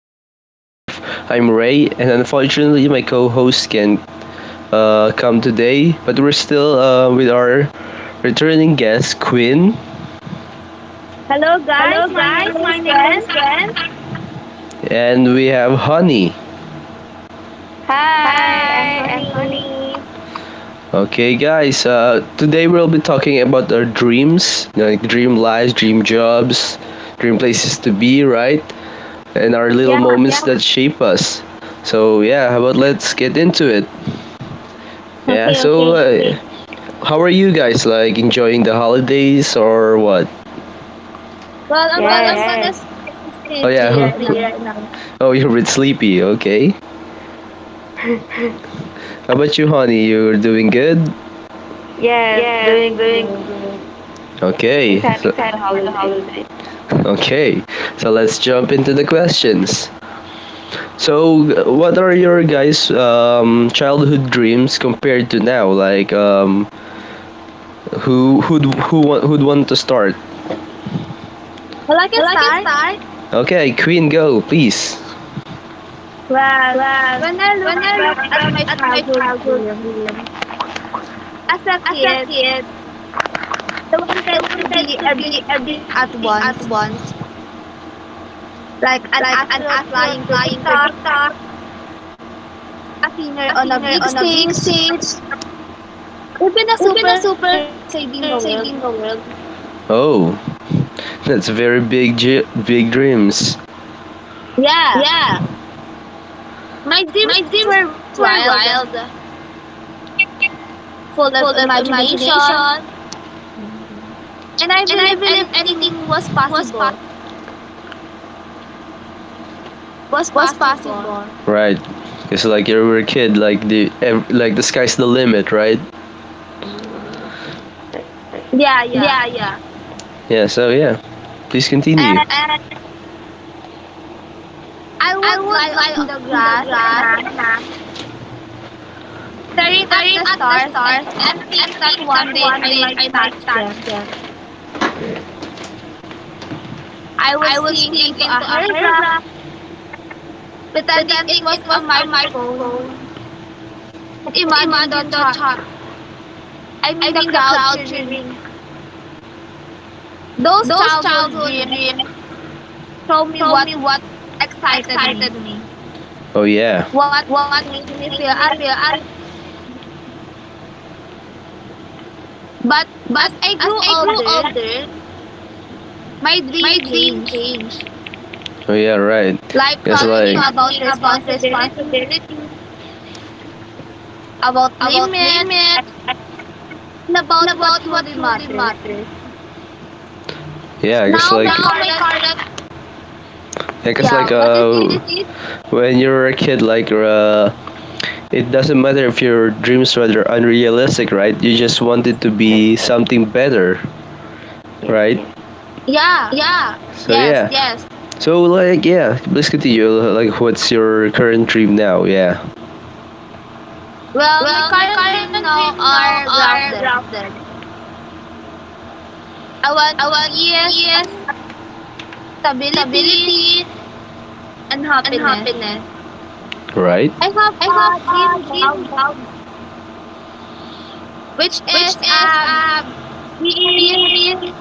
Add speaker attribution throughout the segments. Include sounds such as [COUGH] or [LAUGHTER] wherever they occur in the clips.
Speaker 1: meet real life. I'm Ray, and unfortunately, my co host can't come today, but we're still with our returning guest, Quinn.
Speaker 2: Hello
Speaker 1: Hello,
Speaker 2: guys, my
Speaker 1: my
Speaker 2: name
Speaker 1: name
Speaker 2: is
Speaker 1: is
Speaker 2: Ken.
Speaker 1: Gwen, and we have Honey.
Speaker 3: Hi, I'm
Speaker 1: I am
Speaker 3: Honey.
Speaker 1: okay, guys, today we'll be talking about our dreams, like dream lives, dream jobs, dream places to be, right? And our little
Speaker 2: Yeah,
Speaker 1: moments, yeah, that shape us. So yeah, how about let's get into it? Yeah.
Speaker 2: okay, okay.
Speaker 1: How are you guys like enjoying the holidays or what?
Speaker 2: Well, I'm
Speaker 1: Well, I'm,
Speaker 3: Yes,
Speaker 1: yes,
Speaker 2: gonna
Speaker 1: gonna, yes.
Speaker 2: start this
Speaker 1: Oh yeah.
Speaker 2: therapy
Speaker 1: Sleep
Speaker 2: right
Speaker 1: [LAUGHS] right
Speaker 2: now.
Speaker 1: now. Oh, you're a bit sleepy. Okay.
Speaker 3: [LAUGHS]
Speaker 1: How about you, honey? You're doing good.
Speaker 3: yes,
Speaker 1: Yes.
Speaker 3: doing good.
Speaker 1: Okay.
Speaker 3: Excited
Speaker 1: So-
Speaker 3: for the holidays.
Speaker 1: okay. So let's jump into the questions. What are your guys' childhood dreams compared to now? Like, who'd want to start?
Speaker 2: Well, I can start.
Speaker 1: Okay, Queen, go please.
Speaker 2: Well,
Speaker 1: Well,
Speaker 2: when I
Speaker 1: when
Speaker 2: look
Speaker 1: I
Speaker 2: back at my childhood
Speaker 1: had food,
Speaker 2: dream, as a
Speaker 1: as a
Speaker 2: kid,
Speaker 1: kid,
Speaker 2: I
Speaker 1: I
Speaker 2: wanted to
Speaker 1: wanted to
Speaker 2: be
Speaker 1: be
Speaker 2: everything at
Speaker 1: everything
Speaker 2: once,
Speaker 1: at once,
Speaker 2: like an
Speaker 1: like an
Speaker 2: astronaut
Speaker 1: astronaut
Speaker 2: flying to
Speaker 1: flying to
Speaker 2: TikTok,
Speaker 1: the,
Speaker 2: a singer
Speaker 1: a
Speaker 2: on a
Speaker 1: singer
Speaker 2: big
Speaker 1: on a big
Speaker 2: stage,
Speaker 1: stage,
Speaker 2: even a
Speaker 1: even a
Speaker 2: superhero
Speaker 1: super
Speaker 2: saving the world.
Speaker 1: saving the world. Oh, that's very big dreams.
Speaker 2: Yeah,
Speaker 1: Yeah,
Speaker 2: my
Speaker 1: my
Speaker 2: dreams
Speaker 1: dreams
Speaker 2: were wild,
Speaker 1: were wild,
Speaker 2: full of
Speaker 1: full of
Speaker 2: imagination,
Speaker 1: imagination,
Speaker 3: Mm.
Speaker 2: and I
Speaker 1: and I
Speaker 2: believed
Speaker 1: believe
Speaker 2: anything
Speaker 1: anything
Speaker 2: was possible.
Speaker 1: was possible. was
Speaker 2: Was
Speaker 1: possible.
Speaker 2: possible.
Speaker 1: Right. Because like you were a kid, like the ev- like the sky's the limit, right?
Speaker 3: Mm. Right.
Speaker 2: Yeah, yeah.
Speaker 1: Yeah. Yeah. So yeah, please continue.
Speaker 2: And
Speaker 1: And
Speaker 2: I
Speaker 1: I
Speaker 2: would
Speaker 1: would
Speaker 2: lie
Speaker 1: lie
Speaker 2: on the
Speaker 1: on the
Speaker 2: grass at
Speaker 1: grass,
Speaker 2: night,
Speaker 1: na,
Speaker 2: staring at
Speaker 1: staring
Speaker 2: the
Speaker 1: at the
Speaker 2: stars
Speaker 1: stars,
Speaker 2: and think
Speaker 1: and
Speaker 2: that
Speaker 1: think
Speaker 2: one
Speaker 1: that
Speaker 2: day
Speaker 1: one
Speaker 2: I
Speaker 1: day
Speaker 2: might
Speaker 1: I might
Speaker 2: touch
Speaker 1: touch
Speaker 2: them.
Speaker 1: them.
Speaker 2: I would
Speaker 1: I would
Speaker 2: sing
Speaker 1: sing
Speaker 2: into a
Speaker 1: into a
Speaker 2: hairbrush,
Speaker 1: hairbrush,
Speaker 2: pretending
Speaker 1: pretending
Speaker 2: it
Speaker 1: it
Speaker 2: was
Speaker 1: was
Speaker 2: a
Speaker 1: a
Speaker 2: microphone.
Speaker 1: microphone.
Speaker 2: And imagine
Speaker 1: Imagine
Speaker 2: the
Speaker 1: the
Speaker 2: chart
Speaker 1: child,
Speaker 2: I
Speaker 1: I
Speaker 2: mean the
Speaker 1: mean the
Speaker 2: crowd
Speaker 1: crowd
Speaker 2: cheering.
Speaker 1: cheering.
Speaker 2: Those
Speaker 1: Those
Speaker 2: childhood
Speaker 1: childhood
Speaker 2: dreams
Speaker 1: dreams
Speaker 2: show
Speaker 1: show
Speaker 2: me
Speaker 1: me
Speaker 2: what
Speaker 1: what
Speaker 2: excited
Speaker 1: excited
Speaker 2: me,
Speaker 1: me. Oh yeah.
Speaker 2: what
Speaker 1: What
Speaker 2: made me feel
Speaker 1: made
Speaker 2: alive.
Speaker 1: me feel. I,
Speaker 2: But
Speaker 1: but
Speaker 2: as I
Speaker 1: as
Speaker 2: grew
Speaker 1: I grew
Speaker 2: older,
Speaker 1: older,
Speaker 2: my dream
Speaker 1: my dream
Speaker 2: changed.
Speaker 1: changed. Oh yeah, right.
Speaker 2: Life
Speaker 1: It's
Speaker 2: taught me
Speaker 1: life like taught
Speaker 2: about
Speaker 1: me about
Speaker 2: responsibility,
Speaker 1: responsibility,
Speaker 2: about
Speaker 1: about
Speaker 2: limits
Speaker 1: limits, and
Speaker 2: and about
Speaker 1: not
Speaker 2: what truly
Speaker 1: truly
Speaker 2: matters.
Speaker 1: matters. Yeah, it's
Speaker 2: Now
Speaker 1: like
Speaker 2: my
Speaker 1: now,
Speaker 2: current
Speaker 1: I guess
Speaker 2: yeah,
Speaker 1: like
Speaker 2: what
Speaker 1: uh
Speaker 2: is
Speaker 1: what
Speaker 2: it?
Speaker 1: it is, when you're a kid like it doesn't matter if your dreams were unrealistic, right? You just wanted to
Speaker 3: Yes.
Speaker 1: be something better,
Speaker 3: Yes.
Speaker 1: right?
Speaker 2: Yeah,
Speaker 1: Yeah. So
Speaker 2: yes.
Speaker 1: yeah. Yes. So like yeah, please continue. Like what's your current dream now? Yeah.
Speaker 2: Well, my
Speaker 1: Well, my
Speaker 2: current dream
Speaker 1: current
Speaker 2: now
Speaker 1: dream now
Speaker 2: are
Speaker 1: are
Speaker 2: grounded.
Speaker 1: rather
Speaker 2: I want
Speaker 1: a
Speaker 2: peace,
Speaker 1: peace,
Speaker 2: stability,
Speaker 1: stability,
Speaker 2: and
Speaker 1: and
Speaker 2: happiness.
Speaker 1: happiness. Right.
Speaker 2: I have
Speaker 1: I have
Speaker 2: a dream
Speaker 1: a dream
Speaker 2: job which is
Speaker 1: which is
Speaker 2: being
Speaker 1: being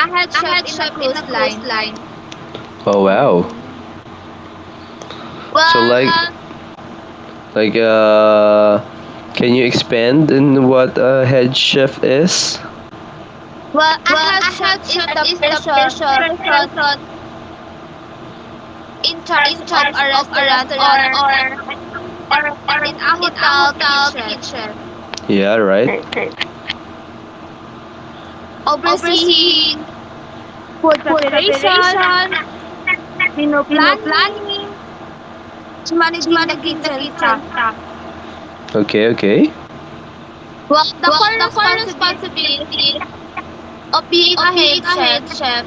Speaker 2: a head chef
Speaker 1: a
Speaker 2: in a
Speaker 1: chef in a
Speaker 2: cruise
Speaker 1: cruise
Speaker 2: line.
Speaker 1: line. Oh wow.
Speaker 3: Mm.
Speaker 1: So
Speaker 2: Well,
Speaker 1: like well, like uh, can you expand in what a head chef is?
Speaker 2: well, a
Speaker 1: Well,
Speaker 2: head
Speaker 1: I
Speaker 2: chef
Speaker 1: have.
Speaker 2: is the
Speaker 1: Is the
Speaker 2: person
Speaker 1: person
Speaker 2: person
Speaker 1: person
Speaker 2: in charge
Speaker 1: in
Speaker 2: of
Speaker 1: person,
Speaker 2: a restaurant or
Speaker 1: or
Speaker 2: or in a
Speaker 1: in a
Speaker 2: hotel kitchen,
Speaker 1: kitchen? Yeah, right.
Speaker 3: Right.
Speaker 2: overseeing
Speaker 1: Overseeing
Speaker 2: food preparation,
Speaker 1: preparation,
Speaker 2: menu planning,
Speaker 1: cleaning,
Speaker 2: and managing the
Speaker 1: leading the
Speaker 2: kitchen
Speaker 1: kitchen.
Speaker 2: staff.
Speaker 1: Okay, okay.
Speaker 2: While the core
Speaker 1: The
Speaker 2: responsibility
Speaker 1: responsibility
Speaker 2: of being
Speaker 1: of
Speaker 2: a
Speaker 1: being a
Speaker 2: head
Speaker 1: head
Speaker 2: chef
Speaker 1: chef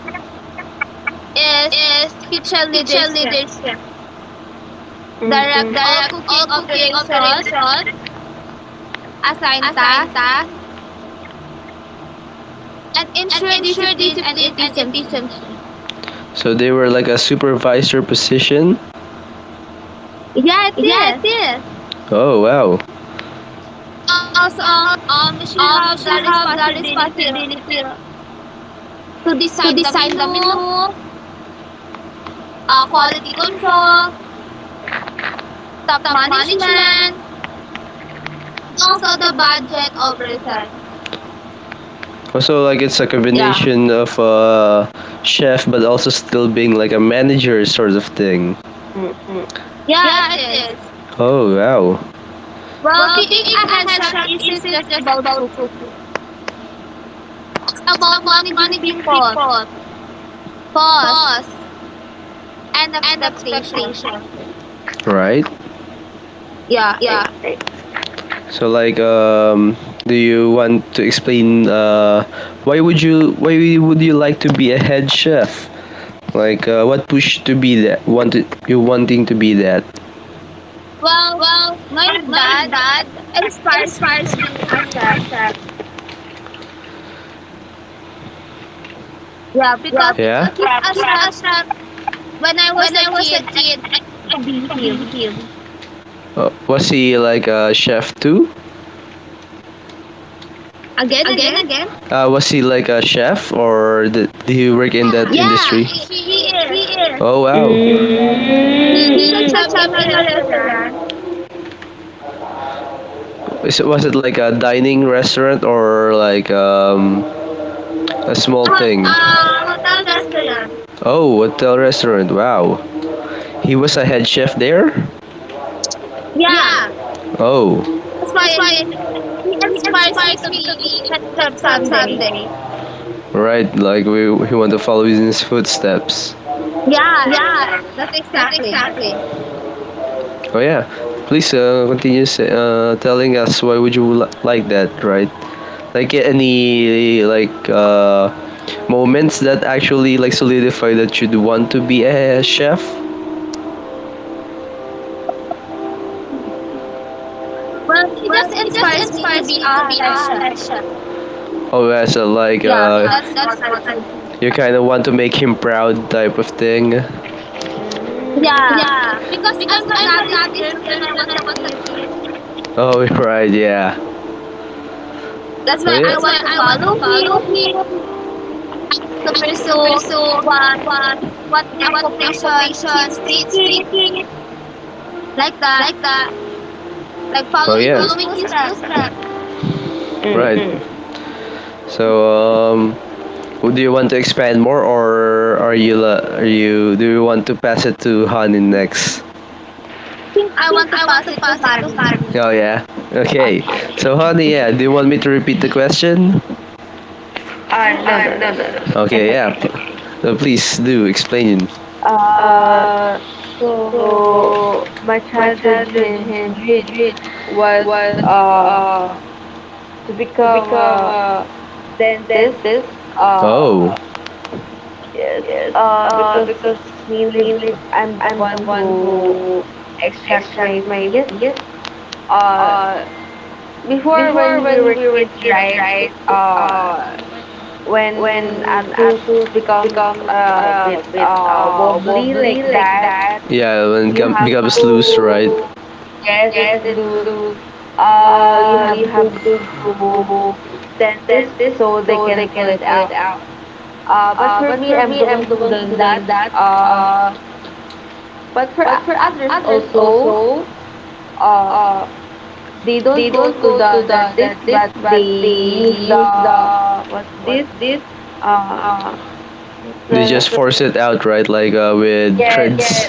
Speaker 2: is
Speaker 1: is
Speaker 2: kitchen
Speaker 1: kitchen
Speaker 2: leadership,
Speaker 1: leadership.
Speaker 3: Mm.
Speaker 1: Mm.
Speaker 2: direct all
Speaker 1: Direct all
Speaker 2: cooking
Speaker 1: cooking
Speaker 2: operations,
Speaker 1: operations
Speaker 2: assign tasks, and ensure
Speaker 1: and
Speaker 2: discipline
Speaker 1: ensure
Speaker 2: and
Speaker 1: discipline and
Speaker 2: efficiency.
Speaker 1: efficiency. So they were like a supervisor position.
Speaker 2: Yeah, it
Speaker 1: Yeah, it
Speaker 2: is.
Speaker 1: is. Oh wow.
Speaker 2: Also, she
Speaker 1: We should
Speaker 2: have
Speaker 1: have
Speaker 2: the
Speaker 1: the
Speaker 2: responsibility
Speaker 1: responsibility
Speaker 2: to
Speaker 1: to
Speaker 2: design
Speaker 1: design the
Speaker 2: the
Speaker 1: menu,
Speaker 2: menu, quality
Speaker 1: quality
Speaker 2: control,
Speaker 1: control,
Speaker 2: top
Speaker 1: top
Speaker 2: management,
Speaker 1: management,
Speaker 2: and also
Speaker 1: also
Speaker 2: the
Speaker 1: the
Speaker 2: budget
Speaker 1: budget of restaurant.
Speaker 2: oversight.
Speaker 1: Also, like it's a
Speaker 2: Yeah,
Speaker 1: combination, yeah, of chef, but also still being like a manager sort of thing.
Speaker 3: Mm.
Speaker 2: yeah, it
Speaker 1: Yeah, it
Speaker 2: is.
Speaker 1: is. Oh wow.
Speaker 2: Well,
Speaker 1: Well,
Speaker 2: being
Speaker 1: being
Speaker 2: a
Speaker 1: a
Speaker 2: head
Speaker 1: head
Speaker 2: chef
Speaker 1: chef
Speaker 2: isn't just
Speaker 1: isn't just
Speaker 2: about
Speaker 1: about
Speaker 2: cooking.
Speaker 1: cooking.
Speaker 2: It's
Speaker 1: It's
Speaker 2: about
Speaker 1: about
Speaker 2: managing
Speaker 1: managing
Speaker 2: people,
Speaker 1: people,
Speaker 2: costs,
Speaker 1: costs,
Speaker 2: and
Speaker 1: and
Speaker 2: expectation.
Speaker 1: expectations. Right.
Speaker 2: Yeah.
Speaker 3: Right.
Speaker 1: Yeah. So like do you want to explain why would you like to be a head chef? Like what push to be that wanted you wanting to be that?
Speaker 2: Well,
Speaker 1: Well,
Speaker 2: my
Speaker 1: my
Speaker 2: dad
Speaker 1: dad
Speaker 2: inspires me to
Speaker 1: inspires me
Speaker 2: be
Speaker 1: to be
Speaker 2: a chef.
Speaker 1: a chef.
Speaker 2: Yeah, because
Speaker 1: Yeah,
Speaker 2: he's a
Speaker 1: because
Speaker 2: chef when I was
Speaker 1: when
Speaker 2: a
Speaker 1: I was a
Speaker 2: kid and
Speaker 1: kid,
Speaker 2: I
Speaker 1: I
Speaker 2: wanted to
Speaker 1: wanted
Speaker 2: be
Speaker 1: to be
Speaker 2: him.
Speaker 1: him. Was he like a chef too?
Speaker 2: Again, again?
Speaker 1: Again. Was he like a chef, or did he work
Speaker 2: Yeah,
Speaker 1: in that
Speaker 2: she
Speaker 1: industry?
Speaker 2: he
Speaker 1: He
Speaker 2: is.
Speaker 1: is. Oh wow.
Speaker 2: He is a
Speaker 3: Mm.
Speaker 2: chef
Speaker 1: Pizza
Speaker 2: in
Speaker 1: shop
Speaker 2: a
Speaker 1: in a
Speaker 2: restaurant
Speaker 1: restaurant. Is it, was it like a dining restaurant, or like a small hot- thing?
Speaker 2: hotel
Speaker 1: Hotel
Speaker 2: restaurant.
Speaker 1: restaurant. Oh, hotel restaurant. Wow. He was a head chef there?
Speaker 2: Yeah,
Speaker 1: Yeah. Oh,
Speaker 2: that's
Speaker 1: that's
Speaker 2: why
Speaker 1: why
Speaker 2: he
Speaker 1: he
Speaker 2: inspires me
Speaker 1: inspires
Speaker 2: to
Speaker 1: me to
Speaker 2: be in
Speaker 1: be
Speaker 2: head
Speaker 1: head
Speaker 2: chef
Speaker 1: chef
Speaker 2: someday.
Speaker 1: someday. Right. Like we want to follow in his footsteps.
Speaker 2: Yeah,
Speaker 1: Yeah.
Speaker 2: that's
Speaker 1: That's
Speaker 2: exactly.
Speaker 1: exactly. Oh yeah. Please continue say, telling us why would you li- like that, right? Like any moments that actually like solidify that you'd want to be a chef?
Speaker 2: Well, he just
Speaker 1: Well, it
Speaker 2: inspires me
Speaker 1: just
Speaker 2: to be
Speaker 1: inspires
Speaker 2: a
Speaker 1: me to
Speaker 2: head
Speaker 1: be
Speaker 2: chef.
Speaker 1: a chef. Or as a
Speaker 2: Yeah, that's
Speaker 1: yeah,
Speaker 2: what
Speaker 1: that's
Speaker 2: I
Speaker 1: what I
Speaker 2: think.
Speaker 1: do. You kind of want to make him proud type of thing?
Speaker 3: Mm.
Speaker 2: Yeah,
Speaker 1: Yeah,
Speaker 2: because
Speaker 1: because
Speaker 2: I'm
Speaker 1: uh,
Speaker 2: a
Speaker 1: when
Speaker 2: daddy's girl when I was
Speaker 1: I
Speaker 2: a
Speaker 1: was a
Speaker 2: kid.
Speaker 1: kid, oh [LAUGHS] right, yeah.
Speaker 2: That's
Speaker 1: Oh yeah.
Speaker 2: why
Speaker 1: That's
Speaker 2: I
Speaker 1: why
Speaker 2: want
Speaker 1: I
Speaker 2: to
Speaker 1: want to
Speaker 2: follow
Speaker 1: follow
Speaker 2: him
Speaker 1: him and
Speaker 2: to
Speaker 1: to
Speaker 2: pursue
Speaker 1: pursue
Speaker 2: what
Speaker 1: what
Speaker 2: what
Speaker 1: what
Speaker 2: occupation
Speaker 1: occupation
Speaker 2: he's
Speaker 1: he's
Speaker 2: taking,
Speaker 1: taking,
Speaker 2: like that,
Speaker 1: like that.
Speaker 2: like
Speaker 1: Oh
Speaker 2: following
Speaker 1: yeah,
Speaker 2: his
Speaker 1: following his
Speaker 2: footsteps. I
Speaker 1: footsteps.
Speaker 3: Mm.
Speaker 1: Right. Mm. So would you want to expand more, or are you la- are you do you want to pass it to Hanin next?
Speaker 2: think
Speaker 1: I
Speaker 2: I
Speaker 1: think
Speaker 2: want to
Speaker 1: I want
Speaker 2: pass
Speaker 1: to
Speaker 2: it to
Speaker 1: pass it to
Speaker 2: Harry.
Speaker 1: Harvey. Oh yeah. Okay.
Speaker 3: Okay.
Speaker 1: So Honey, yeah,
Speaker 3: Okay.
Speaker 1: do you want me to repeat the question?
Speaker 3: No, no, no, no.
Speaker 1: No, no, no.
Speaker 3: It's
Speaker 1: Okay, yeah.
Speaker 3: okay.
Speaker 1: P- no, please do explain.
Speaker 3: Uh,
Speaker 1: Uh,
Speaker 3: so my
Speaker 1: but
Speaker 3: childhood dream
Speaker 1: you-
Speaker 3: was uh to become a dentist. Uh,
Speaker 1: oh,
Speaker 3: Yes,
Speaker 1: I-
Speaker 3: because mainly I'm the one who extracts my teeth. Uh,
Speaker 1: I-
Speaker 3: Before when we were kids, right? Uh,
Speaker 1: uh,
Speaker 3: when
Speaker 1: when
Speaker 3: a tooth becomes a bit wobbly like that,
Speaker 1: yeah, when it
Speaker 3: you
Speaker 1: gum-
Speaker 3: have
Speaker 1: becomes loose.
Speaker 3: to, yes, it's loose. You have to go to dentist so they can pull it out. But for me,
Speaker 1: For
Speaker 3: I'm
Speaker 1: me,
Speaker 3: the one
Speaker 1: I'm the
Speaker 3: who does that.
Speaker 1: people,
Speaker 3: Uh, But for others also, uh,
Speaker 1: uh,
Speaker 3: they don't
Speaker 1: they
Speaker 3: go
Speaker 1: don't
Speaker 3: to
Speaker 1: go
Speaker 3: the,
Speaker 1: to
Speaker 3: the
Speaker 1: the,
Speaker 3: this,
Speaker 1: the this,
Speaker 3: but
Speaker 1: but
Speaker 3: they
Speaker 1: they
Speaker 3: use the,
Speaker 1: use the
Speaker 3: what's
Speaker 1: what's
Speaker 3: this?
Speaker 1: this?
Speaker 3: Uh,
Speaker 1: Uh,
Speaker 3: what's
Speaker 1: They just
Speaker 3: the?
Speaker 1: the, force it out, right? Like with
Speaker 3: Yeah,
Speaker 1: threads.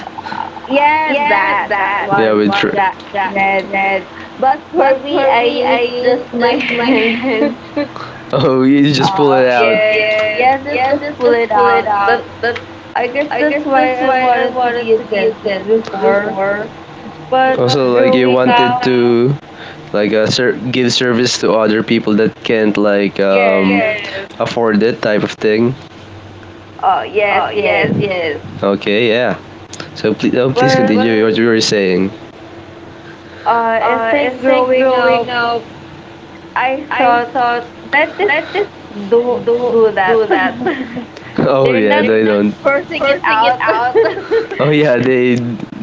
Speaker 3: yeah,
Speaker 1: Yeah, treads. Yeah,
Speaker 3: that
Speaker 1: that. Yeah,
Speaker 3: one
Speaker 1: with one. Thread.
Speaker 3: thread. Thread. But for me, I use just my [LAUGHS] hands.
Speaker 1: [LAUGHS] Oh, you just pull it out.
Speaker 3: Yes, yes, just pull it out. That's I guess that's why I wanted to be a dentist before. But
Speaker 1: Also, like you
Speaker 3: growing
Speaker 1: wanted
Speaker 3: up,
Speaker 1: to ser- give service to other people that can't
Speaker 3: yes.
Speaker 1: yes, afford it type of thing.
Speaker 3: Yes,
Speaker 1: Oh, yes,
Speaker 3: yes.
Speaker 1: yes. Okay, yeah. So please, oh, please
Speaker 3: But
Speaker 1: continue what well, you were saying.
Speaker 3: uh, I
Speaker 1: Uh,
Speaker 3: think growing up, I
Speaker 1: [LAUGHS]
Speaker 3: thought that is don't do that. [LAUGHS]
Speaker 1: oh
Speaker 3: They're
Speaker 1: yeah,
Speaker 3: not
Speaker 1: they, yes, don't.
Speaker 3: forcing it out.
Speaker 1: Oh yeah, they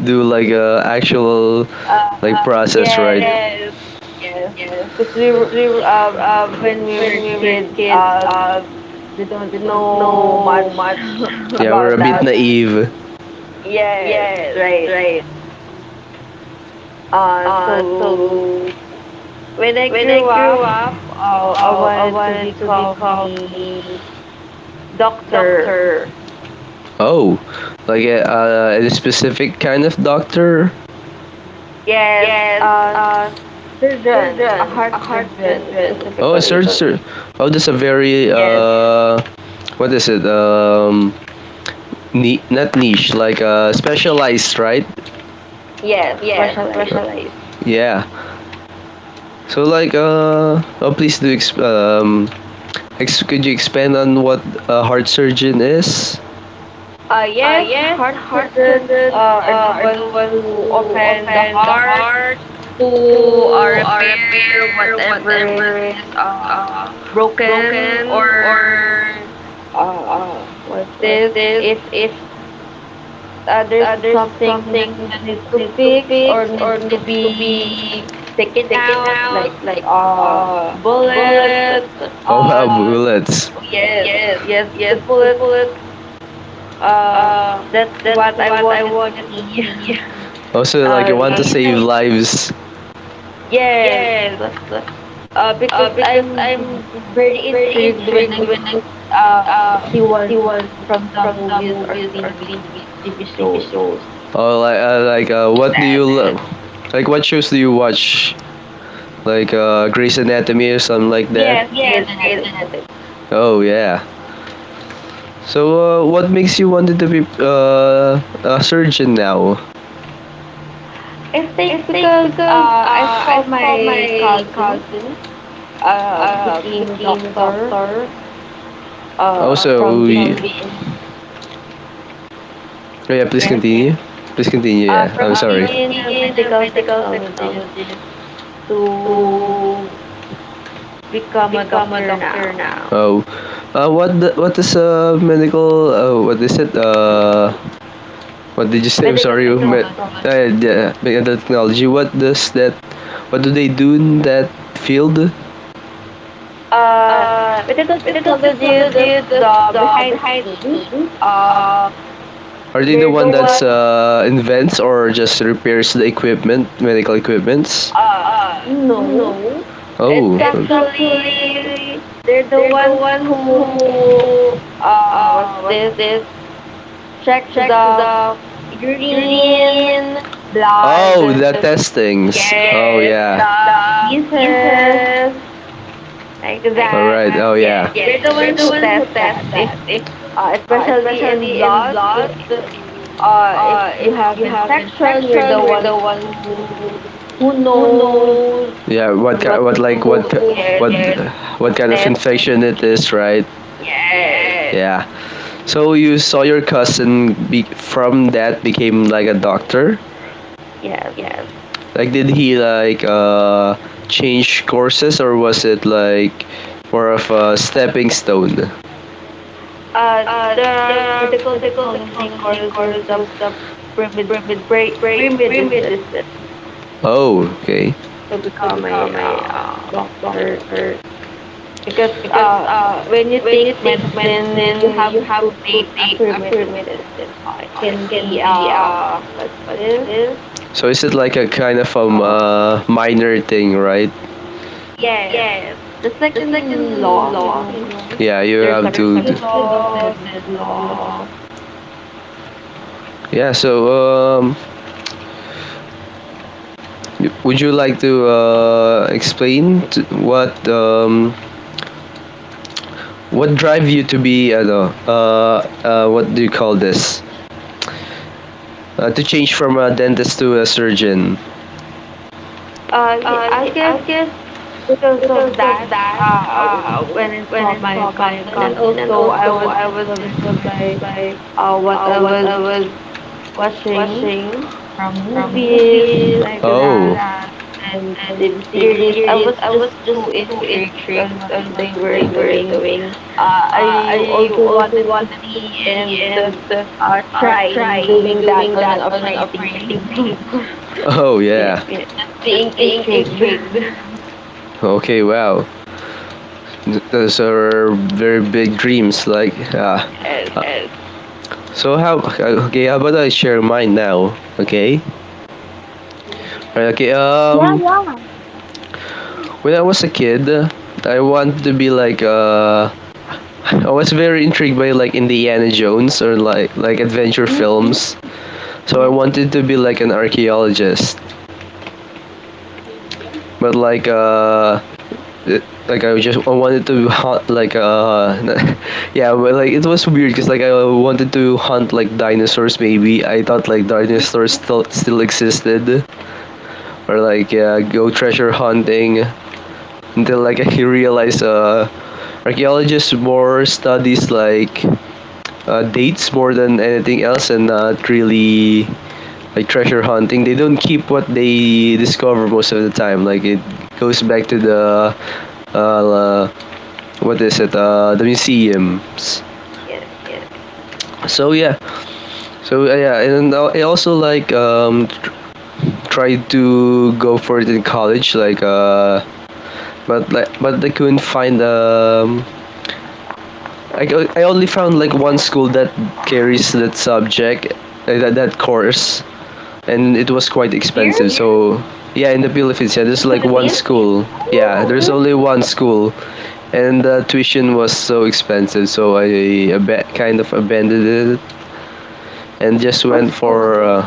Speaker 1: do like a actual
Speaker 3: [LAUGHS] uh,
Speaker 1: process, right?
Speaker 3: yes,
Speaker 1: Yes.
Speaker 3: yes. Because we were, uh, when we
Speaker 1: When
Speaker 3: were
Speaker 1: we were
Speaker 3: kids,
Speaker 1: kids,
Speaker 3: we
Speaker 1: we
Speaker 3: don't
Speaker 1: don't
Speaker 3: know
Speaker 1: know
Speaker 3: much
Speaker 1: much. [LAUGHS]
Speaker 3: [LAUGHS]
Speaker 1: Yeah, we're
Speaker 3: about
Speaker 1: a bit [LAUGHS] about- it.
Speaker 3: that.
Speaker 1: Naive.
Speaker 3: Yes,
Speaker 1: Yes,
Speaker 3: right.
Speaker 1: right.
Speaker 3: So when I grew up, I wanted to become me Doctor.
Speaker 1: Doctor. Oh, like a specific kind of doctor?
Speaker 3: Yes,
Speaker 1: Yes,
Speaker 3: a
Speaker 1: a
Speaker 3: surgeon, a
Speaker 1: surgeon, a
Speaker 3: heart
Speaker 1: heart
Speaker 3: surgeon
Speaker 1: surgeon. Oh, a
Speaker 3: specifically.
Speaker 1: surgeon. Oh, that's a very
Speaker 3: Yes,
Speaker 1: what is it? Ni- not niche, like specialized, right?
Speaker 3: yes,
Speaker 1: Yes,
Speaker 3: specialized.
Speaker 1: specialized. Yeah. So like oh, please do exp- ex- could you expand on what a heart surgeon is?
Speaker 3: Yes,
Speaker 1: Yes,
Speaker 3: heart
Speaker 1: heart
Speaker 3: surgeons
Speaker 1: surgeons.
Speaker 3: are the ones who open the heart to repair whatever is uh, broken or,
Speaker 1: Uh,
Speaker 3: uh, what this, if there's something that needs to fix or needs to be taken out, like,
Speaker 1: like uh
Speaker 3: bullet.
Speaker 1: bullets. Oh wow,
Speaker 3: Uh,
Speaker 1: bullets.
Speaker 3: yes,
Speaker 1: yes
Speaker 3: yes, the
Speaker 1: yes, the
Speaker 3: bullet.
Speaker 1: bullets.
Speaker 3: Uh,
Speaker 1: Uh,
Speaker 3: that's
Speaker 1: that's
Speaker 3: what I
Speaker 1: what I
Speaker 3: wanted to
Speaker 1: wanted to
Speaker 3: see. [LAUGHS]
Speaker 1: see. Also, like
Speaker 3: Uh,
Speaker 1: you want to
Speaker 3: you
Speaker 1: save
Speaker 3: know,
Speaker 1: lives. Yes.
Speaker 3: yes.
Speaker 1: I'm
Speaker 3: Because I'm very
Speaker 1: very
Speaker 3: intrigued when
Speaker 1: intrigued when I
Speaker 3: uh, see
Speaker 1: uh see
Speaker 3: one
Speaker 1: what
Speaker 3: from the movies or TVs,
Speaker 1: tv
Speaker 3: TV
Speaker 1: TV
Speaker 3: shows.
Speaker 1: shows. Oh, what do
Speaker 3: Yes,
Speaker 1: you lo- like? What shows do you watch? Like Grey's Anatomy or something like that?
Speaker 3: yes, Grey's
Speaker 1: Grey's
Speaker 3: Anatomy.
Speaker 1: Anatomy. Oh yeah. So what makes you wanted to be a surgeon now?
Speaker 3: I think because I saw my cousin became a doctor
Speaker 1: Also,
Speaker 3: from
Speaker 1: we,
Speaker 3: being,
Speaker 1: oh, yeah, please
Speaker 3: yes,
Speaker 1: continue. Please continue. Yeah, I'm
Speaker 3: from
Speaker 1: sorry.
Speaker 3: being
Speaker 1: To
Speaker 3: a medical technologist to become a doctor
Speaker 1: become a
Speaker 3: now.
Speaker 1: doctor now. Oh, what the, what is medical? What is it? What did you say? I'm
Speaker 3: Medical
Speaker 1: sorry, but
Speaker 3: technology.
Speaker 1: yeah, big data technology. What does that? What do they do in that field?
Speaker 3: Uh,
Speaker 1: Uh,
Speaker 3: Medical
Speaker 1: with adult
Speaker 3: technology is
Speaker 1: technology,
Speaker 3: the behind the scenes. Uh,
Speaker 1: are they the
Speaker 3: they're the
Speaker 1: one that's
Speaker 3: one,
Speaker 1: invents or just repairs the equipment, medical equipments?
Speaker 3: uh,
Speaker 1: Uh,
Speaker 3: know.
Speaker 1: oh,
Speaker 3: It's
Speaker 1: it's
Speaker 3: actually
Speaker 1: actually
Speaker 3: they're the ones who,
Speaker 1: to uh,
Speaker 3: what's this,
Speaker 1: they
Speaker 3: checks
Speaker 1: check
Speaker 3: the urine,
Speaker 1: urine, oh,
Speaker 3: blood,
Speaker 1: the testings. Oh
Speaker 3: yes,
Speaker 1: yes,
Speaker 3: the
Speaker 1: yeah. The
Speaker 3: feces
Speaker 1: pieces.
Speaker 3: like
Speaker 1: Like all
Speaker 3: that.
Speaker 1: right. That. Oh
Speaker 3: Yes,
Speaker 1: yeah.
Speaker 3: we're
Speaker 1: Yes.
Speaker 3: the ones who test that. If, especially in blood, if you have infection, we're the ones who knows
Speaker 1: Yeah, what
Speaker 3: on what
Speaker 1: kind, what
Speaker 3: to
Speaker 1: like what
Speaker 3: do. Yes,
Speaker 1: what yes, what
Speaker 3: who
Speaker 1: kind of
Speaker 3: tests.
Speaker 1: infection it is, right?
Speaker 3: Yes.
Speaker 1: Yes. Yeah. So you saw your cousin be- from that became like a doctor?
Speaker 3: Yes.
Speaker 1: Yes. Like did he like change courses, or was it like more of a stepping stone?
Speaker 3: Uh, the medical technology course was the premed- pre-medicine
Speaker 1: Oh, okay.
Speaker 3: to become a
Speaker 1: Yeah.
Speaker 3: doctor because
Speaker 1: Uh,
Speaker 3: when you take medicine, you have to take
Speaker 1: they
Speaker 3: a pre-medicine.
Speaker 1: affirmated
Speaker 3: It can
Speaker 1: uh, in
Speaker 3: be,
Speaker 1: the
Speaker 3: what's
Speaker 1: what's
Speaker 3: this?
Speaker 1: this? So is it like a kind of
Speaker 3: Uh,
Speaker 1: minor thing, right?
Speaker 3: yes,
Speaker 1: Yes.
Speaker 3: just like in law,
Speaker 1: No, yeah, you
Speaker 3: there's a
Speaker 1: have to. D-
Speaker 3: pre-law, then law.
Speaker 1: yeah, so y- would you like to explain t what drive you to be no, what do you call this? To change from a dentist to a surgeon.
Speaker 3: I guess because of that, uh, when I
Speaker 1: Uh,
Speaker 3: saw my
Speaker 1: my
Speaker 3: cousin, and also I was influenced by
Speaker 1: I
Speaker 3: what I was
Speaker 1: was
Speaker 3: watching
Speaker 1: watching
Speaker 3: from movies
Speaker 1: the,
Speaker 3: like
Speaker 1: oh,
Speaker 3: that and
Speaker 1: and
Speaker 3: TV
Speaker 1: the
Speaker 3: series. I
Speaker 1: series,
Speaker 3: was just so intrigued on what
Speaker 1: and
Speaker 3: they
Speaker 1: what
Speaker 3: were
Speaker 1: they were
Speaker 3: doing.
Speaker 1: doing.
Speaker 3: Uh, I
Speaker 1: I
Speaker 3: also wanted to
Speaker 1: wanted to
Speaker 3: see and,
Speaker 1: see the
Speaker 3: try doing that on an operating
Speaker 1: operating
Speaker 3: table.
Speaker 1: table. Oh
Speaker 3: [LAUGHS] Yeah.
Speaker 1: yeah. Yeah,
Speaker 3: Just being
Speaker 1: just being
Speaker 3: intrigued.
Speaker 1: intrigued. Okay, wow. Th- those are very big dreams. Like, ah.
Speaker 3: [LAUGHS] Yes.
Speaker 1: Uh, yes. So how? Okay, how about I share mine now? Okay. Right. Okay.
Speaker 2: Yeah, yeah.
Speaker 1: When I was a kid, I wanted to be like I was very intrigued by like Indiana Jones or like adventure
Speaker 3: Mm,
Speaker 1: films. So I
Speaker 3: yes.
Speaker 1: wanted to be like an archaeologist, but like it- like I just I wanted to hunt like [LAUGHS] yeah, but like it was weird because like I wanted to hunt like dinosaurs maybe. I thought like
Speaker 3: Hmm, let
Speaker 1: dinosaurs still existed, or like yeah, go treasure hunting until like [LAUGHS] I realized archaeologists more studies like dates more than anything else, and not really like treasure hunting. They don't keep what they discover most of the time. Like it goes back to the la- what is it?
Speaker 3: me see.
Speaker 1: The museums.
Speaker 3: Yes.
Speaker 1: So yeah, and I also like tried to go for it in college, but I couldn't find. I only found like one school that carries that subject, that course, and it was quite expensive.
Speaker 3: Here
Speaker 1: So, yeah, in the Philippines, yeah,
Speaker 3: in
Speaker 1: there's
Speaker 3: the
Speaker 1: like one
Speaker 3: Philippines.
Speaker 1: school. Yeah,
Speaker 3: Oh,
Speaker 1: there's
Speaker 3: there's,
Speaker 1: only one school, and the tuition was so expensive. So I kind of abandoned it and just
Speaker 3: what
Speaker 1: went
Speaker 3: school was
Speaker 1: for
Speaker 3: it?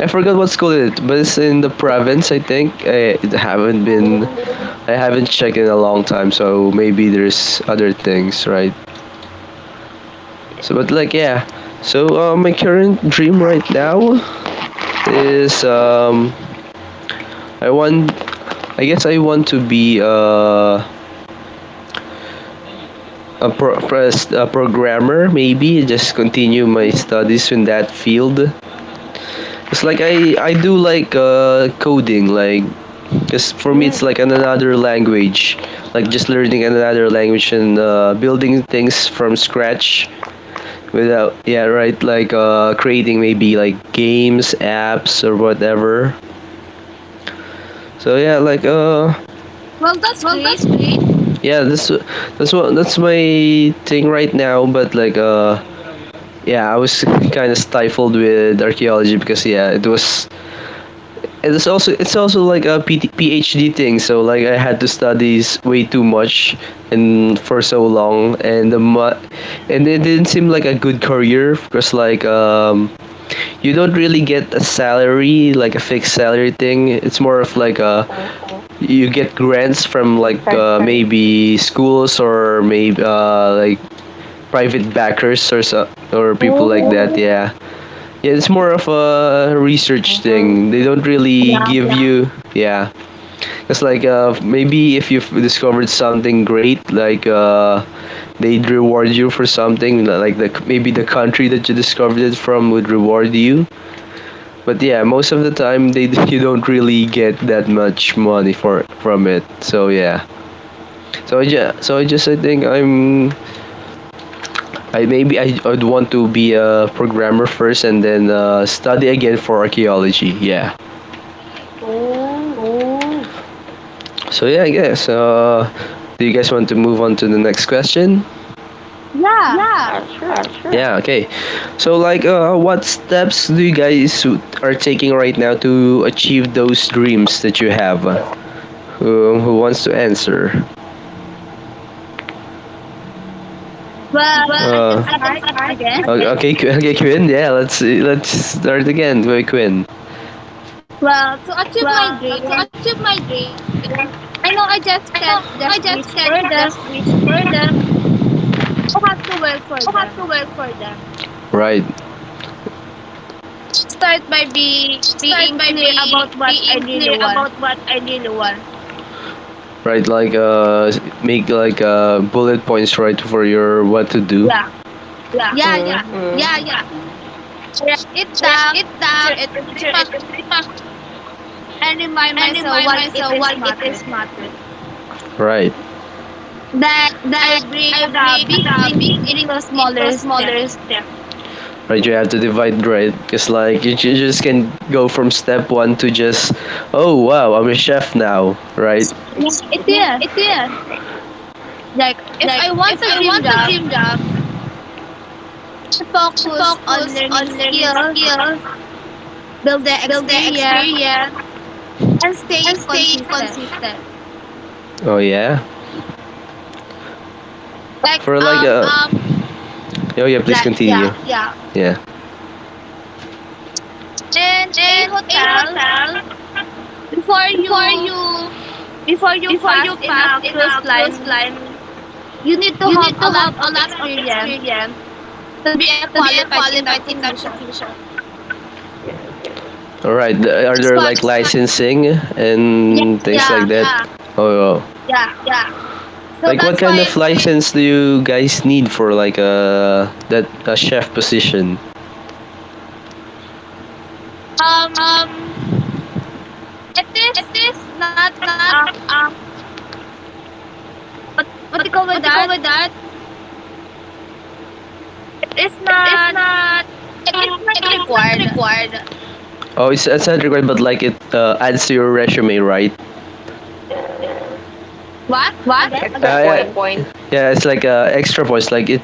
Speaker 1: I forgot what school it, but it's in the province, I think.
Speaker 3: Oh,
Speaker 1: I haven't checked in a long time, so maybe there's other things, right? So,
Speaker 3: yes.
Speaker 1: but like, yeah. So, my current dream right now is, I want. I guess I want to be a a programmer. Maybe just continue my
Speaker 3: Mm,
Speaker 1: studies in that field. It's like I do like coding. Like, cause for me it's
Speaker 3: mm,
Speaker 1: like an another language. Like just learning another language and building things from scratch
Speaker 3: yes.
Speaker 1: without yeah right like creating maybe like games apps or whatever. So yeah,
Speaker 2: Well, that's
Speaker 1: well,
Speaker 2: great.
Speaker 1: that's great. Yeah, this that's my thing right now. But like yeah, I was kind of stifled with archaeology because yeah, it was it's also like a PhD thing. So like I had to way too much and for so long, and it didn't seem like a good career because you don't really get a salary like a fixed salary thing. It's more of like a
Speaker 3: Oh,
Speaker 1: you get grants from like
Speaker 3: and fine. Thanks.
Speaker 1: maybe schools or maybe like private backers or so, or people like
Speaker 2: Oh,
Speaker 1: that.
Speaker 3: Mm,
Speaker 1: Yeah, yeah, it's more of a research thing. They don't really
Speaker 2: yeah.
Speaker 1: give you yeah. It's like maybe if you've discovered something great, like they'd reward you for something, like the maybe the country that you discovered it from would reward you. But yeah, most of the time they [LAUGHS] you don't really get that much money for from it, so yeah. So yeah, I think I'm I maybe I would want to be a programmer first and then study again for archaeology. Yeah.
Speaker 3: oh,
Speaker 1: Oh, so yeah, I guess. Do you guys want to move on to the next question?
Speaker 2: Yeah.
Speaker 1: Yeah,
Speaker 3: sure.
Speaker 1: sure. Yeah. Okay. So like, what steps do you guys are taking right now to achieve those dreams that you have? Who wants to answer?
Speaker 3: Then.
Speaker 2: Well, I
Speaker 1: Well,
Speaker 2: can
Speaker 1: I can.
Speaker 2: start again. [LAUGHS]
Speaker 1: Okay, okay, okay, Quinn. Yeah, let's start again. Wait, Quinn.
Speaker 2: Well, to achieve my
Speaker 1: Well, to
Speaker 2: dream,
Speaker 1: achieve my dream,
Speaker 2: I know I just can't
Speaker 1: I
Speaker 2: just
Speaker 1: just
Speaker 2: wish
Speaker 1: can't
Speaker 2: for them.
Speaker 1: just wish for them.
Speaker 2: I have to work for
Speaker 1: I have to
Speaker 2: them.
Speaker 1: work for them. Right,
Speaker 2: Start by
Speaker 1: start
Speaker 2: being
Speaker 1: by
Speaker 2: clear about what I
Speaker 1: being
Speaker 2: really
Speaker 1: clear
Speaker 2: want.
Speaker 1: about what I really want. Right. Like make like bullet points right for your what to do.
Speaker 2: Yeah.
Speaker 1: Yeah,
Speaker 2: Yeah, yeah.
Speaker 3: Mm,
Speaker 1: mm, yeah, yeah.
Speaker 2: Write it
Speaker 1: Write
Speaker 2: down,
Speaker 1: it
Speaker 2: picture
Speaker 1: down,
Speaker 2: it in
Speaker 1: picture
Speaker 2: my
Speaker 1: it
Speaker 2: mind,
Speaker 1: in my mind,
Speaker 2: and remind
Speaker 1: and
Speaker 2: myself
Speaker 1: remove
Speaker 2: why it is mattering.
Speaker 1: matter. Right.
Speaker 2: Then I
Speaker 1: Then
Speaker 2: break
Speaker 1: I
Speaker 2: the
Speaker 1: break
Speaker 2: big
Speaker 1: the
Speaker 2: dream
Speaker 1: big dream
Speaker 2: into
Speaker 1: to
Speaker 2: smaller steps.
Speaker 1: smaller steps. Right, you have to divide, right? Because like you, just can go from step one to just oh wow, I'm a chef now, right?
Speaker 2: Yeah, it is.
Speaker 1: It is.
Speaker 2: Like, if
Speaker 1: Like,
Speaker 2: I want
Speaker 1: if
Speaker 2: a
Speaker 1: I
Speaker 2: dream
Speaker 1: want a
Speaker 2: job,
Speaker 1: dream job, I
Speaker 2: focus on
Speaker 1: focus
Speaker 2: learning
Speaker 1: on learning
Speaker 2: skills,
Speaker 1: skills,
Speaker 2: build the experience,
Speaker 1: experience,
Speaker 2: and staying
Speaker 1: staying
Speaker 2: consistent.
Speaker 1: consistent. Oh yeah.
Speaker 2: Like
Speaker 1: For like it's
Speaker 2: um,
Speaker 1: a oh yeah, please
Speaker 2: like
Speaker 1: continue,
Speaker 2: yeah.
Speaker 1: like, yeah
Speaker 2: And a
Speaker 1: and a whole
Speaker 2: hotel before you before you
Speaker 1: for
Speaker 2: pass
Speaker 1: your
Speaker 2: in a cruise
Speaker 1: business,
Speaker 2: line, you need to
Speaker 1: you
Speaker 2: have
Speaker 1: need to
Speaker 2: a lot
Speaker 1: have a
Speaker 2: of
Speaker 1: lot of
Speaker 2: experience
Speaker 1: experience
Speaker 2: to be a
Speaker 1: to be
Speaker 2: qualified in that
Speaker 1: qualified in that
Speaker 2: position.
Speaker 1: position.
Speaker 3: yes.
Speaker 1: All right. Are
Speaker 2: That's
Speaker 1: there
Speaker 2: why
Speaker 1: like licensing
Speaker 2: yeah
Speaker 1: and things
Speaker 2: yeah
Speaker 1: like that? Yeah. Oh, wow.
Speaker 2: yeah. So
Speaker 1: Like what
Speaker 2: that's
Speaker 1: kind of
Speaker 2: why
Speaker 1: license do you guys need for like a that a chef position?
Speaker 2: um,
Speaker 1: Um,
Speaker 2: it
Speaker 1: it
Speaker 2: is
Speaker 1: is
Speaker 2: not,
Speaker 1: not um
Speaker 2: what you call
Speaker 1: what
Speaker 2: with that?
Speaker 1: do you call with that?
Speaker 2: It's
Speaker 1: It is
Speaker 2: not
Speaker 1: not
Speaker 2: it's not required.
Speaker 1: required. Oh, it's not required, but like it adds to your resume, right?
Speaker 3: Yes.
Speaker 2: What
Speaker 1: What?
Speaker 2: again?
Speaker 1: Again?
Speaker 3: Extra
Speaker 1: Yeah,
Speaker 3: points.
Speaker 1: point. Yeah, it's like extra voice. Like it,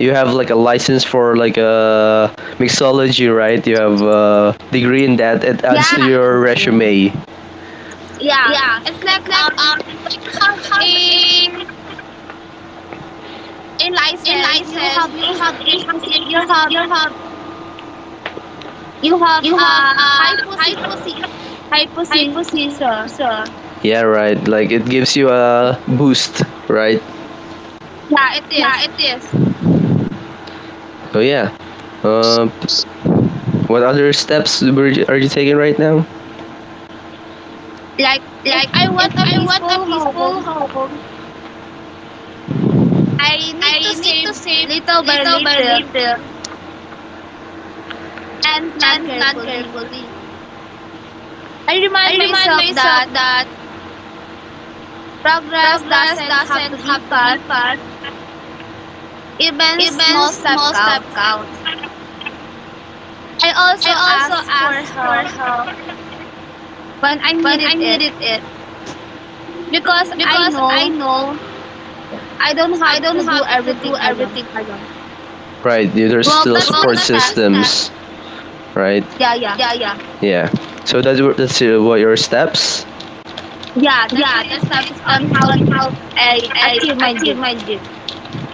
Speaker 1: you have like a license for like a mixology, right? You have a degree in that. It
Speaker 2: Yeah,
Speaker 1: adds to your
Speaker 3: Mm.
Speaker 1: resume.
Speaker 2: Yeah,
Speaker 1: Yeah.
Speaker 2: it's like
Speaker 1: It's like
Speaker 2: when you
Speaker 1: you
Speaker 2: have
Speaker 1: have
Speaker 2: a
Speaker 1: a
Speaker 2: license,
Speaker 1: license. You have a have
Speaker 2: you have
Speaker 1: you have
Speaker 2: a
Speaker 1: a
Speaker 2: hypothesis,
Speaker 1: position.
Speaker 2: hypothesis.
Speaker 1: Position. Yeah, right. Like it gives you a boost, right?
Speaker 2: Yeah, it is.
Speaker 1: Yeah, it is. Oh yeah. Uh, what other steps were you- are you taking right now?
Speaker 2: Like if
Speaker 1: Like,
Speaker 2: I want
Speaker 1: if
Speaker 2: a
Speaker 1: I want a
Speaker 2: peaceful home,
Speaker 1: peaceful home,
Speaker 2: I need to
Speaker 1: I need
Speaker 2: save
Speaker 1: to save
Speaker 2: little by
Speaker 1: little by
Speaker 2: little
Speaker 1: little
Speaker 2: and plan
Speaker 1: and plan
Speaker 2: carefully.
Speaker 1: carefully.
Speaker 2: I remind myself that
Speaker 1: That
Speaker 2: progress
Speaker 1: program
Speaker 2: doesn't have to be
Speaker 1: has to be
Speaker 2: fast. Even small
Speaker 1: is
Speaker 2: step counts. I also ask for
Speaker 1: fast for
Speaker 2: help
Speaker 1: help
Speaker 2: when I
Speaker 1: and I
Speaker 2: needed it.
Speaker 1: needed it
Speaker 2: Because I
Speaker 1: because I
Speaker 2: know
Speaker 1: know
Speaker 2: I don't
Speaker 1: I
Speaker 2: have
Speaker 1: don't
Speaker 2: to do
Speaker 1: have to do
Speaker 2: everything alone.
Speaker 1: everything alone. Right, there- there's
Speaker 2: Well,
Speaker 1: still well,
Speaker 2: that's my
Speaker 1: support that's my
Speaker 2: step.
Speaker 1: systems, step. Right?
Speaker 2: Yeah, yeah.
Speaker 1: Yeah, yeah, yeah. So that's that's what your steps.
Speaker 2: Yeah, that's
Speaker 1: Yeah.
Speaker 2: my
Speaker 1: That's my
Speaker 2: steps on
Speaker 1: step
Speaker 2: how
Speaker 1: on how
Speaker 2: I
Speaker 1: I
Speaker 2: achieve my
Speaker 1: achieve my
Speaker 2: dream.
Speaker 1: dream.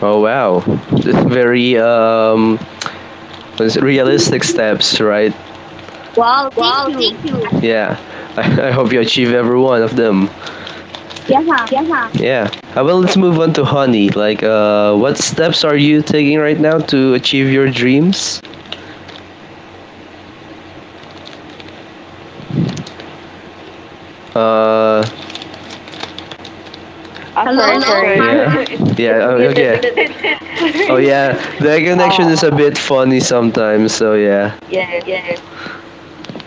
Speaker 1: Oh wow, it's very it's realistic steps, right?
Speaker 2: Wow, thank
Speaker 1: Wow, thank
Speaker 2: you.
Speaker 1: you. Yeah, [LAUGHS] I hope you achieve every one of them.
Speaker 2: Yeah.
Speaker 1: Yeah, yeah. Well, let's move on to Honey. Like, what steps are you taking right now to achieve your dreams? Uh,
Speaker 3: Ah, sorry,
Speaker 2: Hello?
Speaker 1: Hello?
Speaker 3: sorry. [LAUGHS]
Speaker 1: Yeah,
Speaker 3: it's
Speaker 2: Honey?
Speaker 1: [LAUGHS]
Speaker 3: it's
Speaker 1: yeah. Oh,
Speaker 3: muted
Speaker 1: okay.
Speaker 3: again. [LAUGHS]
Speaker 1: Oh yeah,
Speaker 3: Sorry.
Speaker 1: the connection
Speaker 3: Uh,
Speaker 1: is a bit funny sometimes. So yeah. [LAUGHS]
Speaker 3: yes.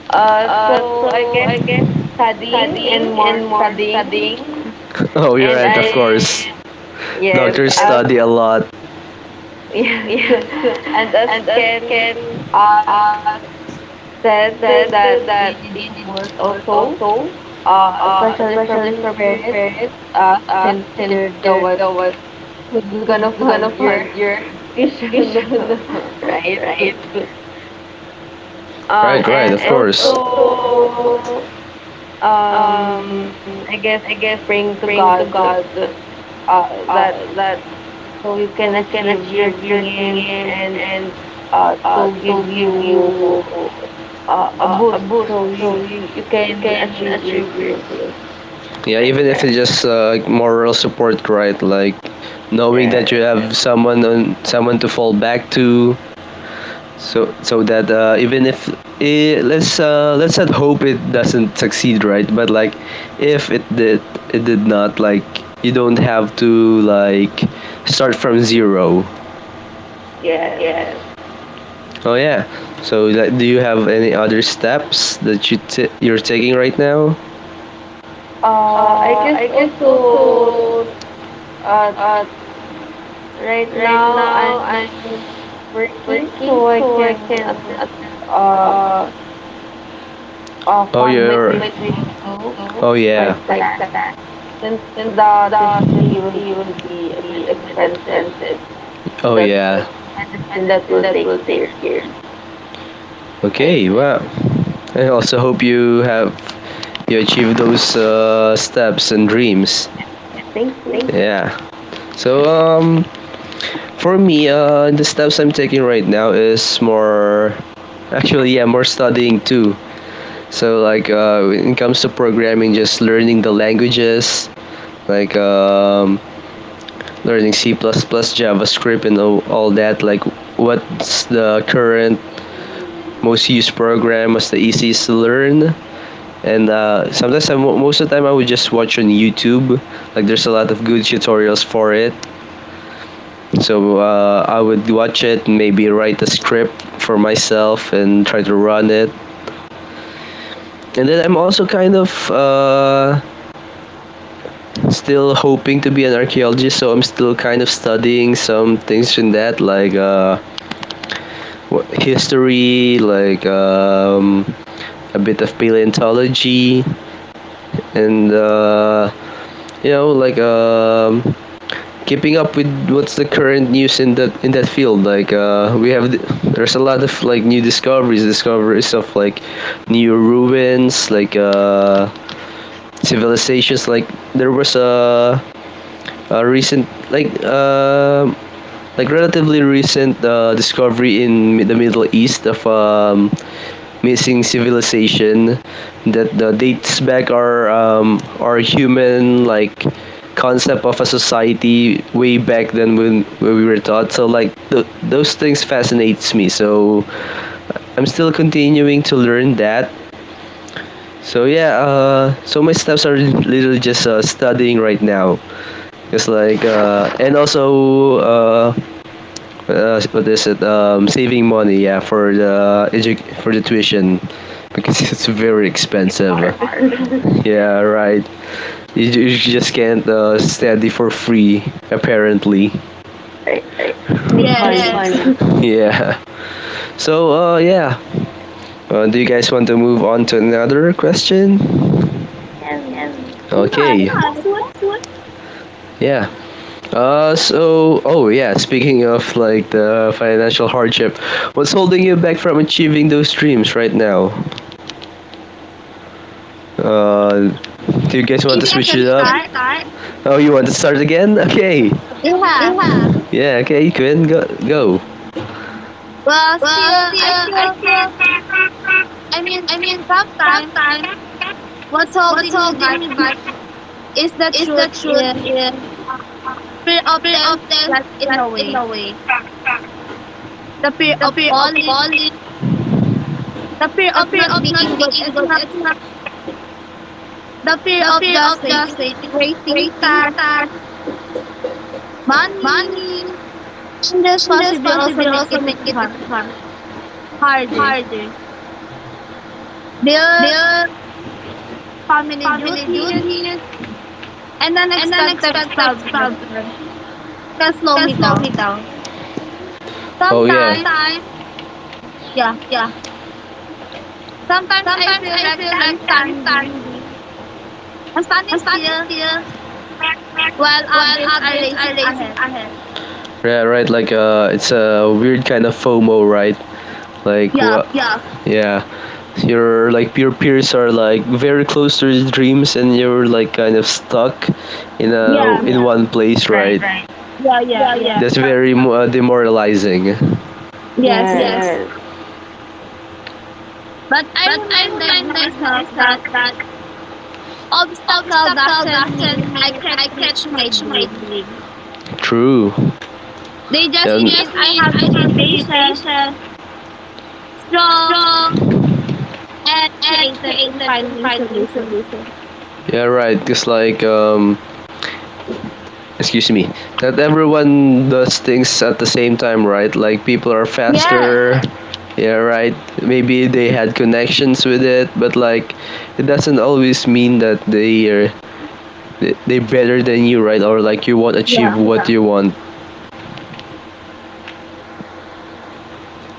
Speaker 3: So I guess studying and more studying.
Speaker 1: Oh, you're
Speaker 3: And
Speaker 1: right. Of
Speaker 3: I,
Speaker 1: course,
Speaker 3: yes,
Speaker 1: doctors
Speaker 3: as
Speaker 1: study a lot.
Speaker 3: [LAUGHS] yes,
Speaker 1: Yes,
Speaker 3: and
Speaker 1: [LAUGHS]
Speaker 3: as
Speaker 1: and as
Speaker 3: Ken
Speaker 1: Ken
Speaker 3: uh,
Speaker 1: uh,
Speaker 3: said
Speaker 1: said,
Speaker 3: that you
Speaker 1: that
Speaker 3: need
Speaker 1: it
Speaker 3: support
Speaker 1: was
Speaker 3: also,
Speaker 1: also,
Speaker 3: especially from
Speaker 1: especially
Speaker 3: your
Speaker 1: from your
Speaker 3: parents,
Speaker 1: parents,
Speaker 3: since
Speaker 1: since
Speaker 3: they're the
Speaker 1: they're
Speaker 3: one
Speaker 1: the one
Speaker 3: who's gonna
Speaker 1: who's
Speaker 3: fund
Speaker 1: gonna
Speaker 3: your
Speaker 1: fund your
Speaker 3: [LAUGHS]
Speaker 1: [LAUGHS]
Speaker 3: vision,
Speaker 1: education,
Speaker 3: [LAUGHS]
Speaker 1: [LAUGHS]
Speaker 3: right?
Speaker 1: right? Right, right, of
Speaker 3: And
Speaker 1: and course. Also,
Speaker 3: also,
Speaker 1: um,
Speaker 3: um, I guess
Speaker 1: I guess,
Speaker 3: praying to
Speaker 1: praying
Speaker 3: God,
Speaker 1: to God
Speaker 3: uh, that
Speaker 1: that
Speaker 3: so you can achieve your dream and,
Speaker 1: and
Speaker 3: to give
Speaker 1: you
Speaker 3: you a boost so you
Speaker 1: you
Speaker 3: can
Speaker 1: can
Speaker 3: achieve your
Speaker 1: achieve it.
Speaker 3: dream
Speaker 1: Yeah, even
Speaker 3: like
Speaker 1: if it's
Speaker 3: that.
Speaker 1: just like moral support, right? Like knowing that
Speaker 3: Yes,
Speaker 1: you have someone on someone to fall back to, so so that even if it, let's not hope it doesn't succeed, right? But like if it did, it did not. Like you don't have to like start from zero.
Speaker 3: yes.
Speaker 1: Yes. Oh yeah. So like, do you have any other steps that you you're taking right now?
Speaker 3: I guess also, uh, right now I'm working so I can
Speaker 1: Can
Speaker 3: at least,
Speaker 1: attend uh, oh,
Speaker 3: fund my
Speaker 1: you're.
Speaker 3: tuition
Speaker 1: Meditation
Speaker 3: also
Speaker 1: oh, thing yeah.
Speaker 3: like
Speaker 1: Like
Speaker 3: that
Speaker 1: that.
Speaker 3: since
Speaker 1: Then
Speaker 3: the tuition
Speaker 1: the
Speaker 3: fee will
Speaker 1: therapy will
Speaker 3: be a bit
Speaker 1: be a bit
Speaker 3: expensive.
Speaker 1: expensive. Oh, like
Speaker 3: That's
Speaker 1: yeah.
Speaker 3: medicine that
Speaker 1: Medicine
Speaker 3: will
Speaker 1: that
Speaker 3: take
Speaker 1: will take
Speaker 3: years.
Speaker 1: years.
Speaker 3: Right.
Speaker 1: Okay, wow. I also hope you have you achieve those steps and dreams.
Speaker 3: Thank you.
Speaker 1: Thank you. Yeah. So for me the steps I'm taking right now is more actually yeah, more studying too. So like when it comes to programming, just learning the languages, like learning C++, JavaScript, and all that. Like what's the current most used program? What's the easiest to learn? And sometimes I, most of the time I would just watch on YouTube. Like there's a lot of
Speaker 3: Mm-hmm.
Speaker 1: good tutorials for it. So I would watch it, maybe write a script for myself and try to run it. And then I'm also kind of still hoping to be an archaeologist, so I'm still kind of studying some things in that, like history, like a bit of paleontology, and you know, like keeping up with what's the current news in that field. Like we have, there's a lot of like new discoveries of like new ruins, like civilizations. Like there was a recent like relatively recent discovery in the Middle East of missing civilization that
Speaker 3: Mm,
Speaker 1: dates back our human like concept of a society way back then when we were taught, so like those things fascinates me, so I'm still continuing to learn that. So yeah, so my steps are literally just studying right now. It's like and also what is it? Saving money, yeah, for the for the tuition because [LAUGHS] it's
Speaker 3: yes,
Speaker 1: very
Speaker 3: it's
Speaker 1: expensive.
Speaker 3: hard.
Speaker 1: Hard.
Speaker 3: [LAUGHS]
Speaker 1: [LAUGHS] Yeah, right. You, you just can't study for free, apparently.
Speaker 3: Right. Need
Speaker 2: Yes.
Speaker 3: money.
Speaker 1: Yes. [LAUGHS] Fun. Yeah. So, yeah. Do you guys want to move on to another question?
Speaker 3: Yes.
Speaker 1: Yes.
Speaker 2: Yeah, that's
Speaker 1: Okay.
Speaker 2: good.
Speaker 1: What? Yeah. So. Oh, yeah. Speaking of like the financial hardship, what's holding you back from achieving those dreams right now? Uh, do you guys want to
Speaker 2: Maybe I
Speaker 1: switch
Speaker 2: can
Speaker 1: it up? Can
Speaker 2: start.
Speaker 1: start. Oh, you want to start again? Okay.
Speaker 2: Yeah.
Speaker 1: Yeah. Yeah. Okay, Quinn, go. Go.
Speaker 2: Well, still,
Speaker 1: Still,
Speaker 2: I
Speaker 1: I
Speaker 2: feel,
Speaker 1: feel.
Speaker 2: I mean,
Speaker 1: I mean,
Speaker 2: Sometimes
Speaker 1: sometimes
Speaker 2: what's
Speaker 1: what's
Speaker 2: holding me
Speaker 1: holding
Speaker 2: back
Speaker 1: me back
Speaker 2: is the
Speaker 1: is the
Speaker 2: truth
Speaker 1: truth
Speaker 2: is
Speaker 1: in
Speaker 2: fear often gets in the way.
Speaker 1: Italy.
Speaker 2: The fear of falling, the fear of
Speaker 1: That's
Speaker 2: not being
Speaker 1: not being
Speaker 2: good enough,
Speaker 1: it's not
Speaker 2: the fear
Speaker 1: the
Speaker 2: of
Speaker 1: fear
Speaker 2: just
Speaker 1: of
Speaker 2: waiting,
Speaker 1: waiting
Speaker 2: waiting time, money, and this
Speaker 1: in this
Speaker 2: possibly also make it
Speaker 1: market is
Speaker 2: hard,
Speaker 1: hard,
Speaker 2: harder.
Speaker 1: harder.
Speaker 2: Bill, family
Speaker 1: Family
Speaker 2: duties,
Speaker 1: duty
Speaker 2: and
Speaker 1: and
Speaker 2: unexpected
Speaker 1: expensive
Speaker 2: problems
Speaker 1: can
Speaker 2: can slow me
Speaker 1: slow me
Speaker 2: down.
Speaker 1: down. Oh yeah.
Speaker 2: Sometimes,
Speaker 1: Sometimes,
Speaker 2: yeah,
Speaker 1: yeah.
Speaker 2: sometimes I
Speaker 1: Sometimes
Speaker 2: feel
Speaker 1: I
Speaker 2: like
Speaker 1: feel like I'm standing.
Speaker 2: I'm standing
Speaker 1: I
Speaker 2: still
Speaker 1: feel like
Speaker 2: while
Speaker 1: what
Speaker 2: others are
Speaker 1: I'm
Speaker 2: racing
Speaker 1: looking
Speaker 2: ahead.
Speaker 1: ahead. Yeah, right. Like it's a weird kind of FOMO, right? Like
Speaker 2: Yeah,
Speaker 1: what? Yeah, you're like your peers are like very close to your dreams, and you're like kind of stuck in a
Speaker 2: yeah,
Speaker 3: Mm-mm.
Speaker 1: in yeah. One place,
Speaker 3: Right.
Speaker 1: right? Right.
Speaker 2: yeah, yeah, yeah.
Speaker 1: Yeah. That's very demoralizing.
Speaker 2: Yes.
Speaker 3: Yes.
Speaker 1: Yes. Yes.
Speaker 2: But I
Speaker 1: But I
Speaker 2: reminded
Speaker 1: remind
Speaker 2: myself that
Speaker 1: myself that
Speaker 2: obstacle doesn't mean
Speaker 1: obstacles mean
Speaker 2: I can't reach my
Speaker 1: reach my
Speaker 2: dream.
Speaker 1: dream. True.
Speaker 2: They just
Speaker 1: It
Speaker 2: mean
Speaker 1: just
Speaker 2: I have
Speaker 1: means
Speaker 2: to
Speaker 1: I
Speaker 2: be
Speaker 1: have to be
Speaker 2: patient,
Speaker 1: patient,
Speaker 2: strong,
Speaker 1: strong,
Speaker 2: and
Speaker 1: and
Speaker 2: creative in
Speaker 1: creative in
Speaker 2: finding
Speaker 1: finding
Speaker 2: solutions.
Speaker 1: yeah, right. Cause like excuse me, not everyone does things at the same time, right? Like people are
Speaker 3: Yes.
Speaker 2: Yeah,
Speaker 1: faster. Yeah, right. Maybe they had connections with it, but like it doesn't always mean that they are they better than you, right? Or like you won't achieve
Speaker 2: yeah.
Speaker 1: what you want.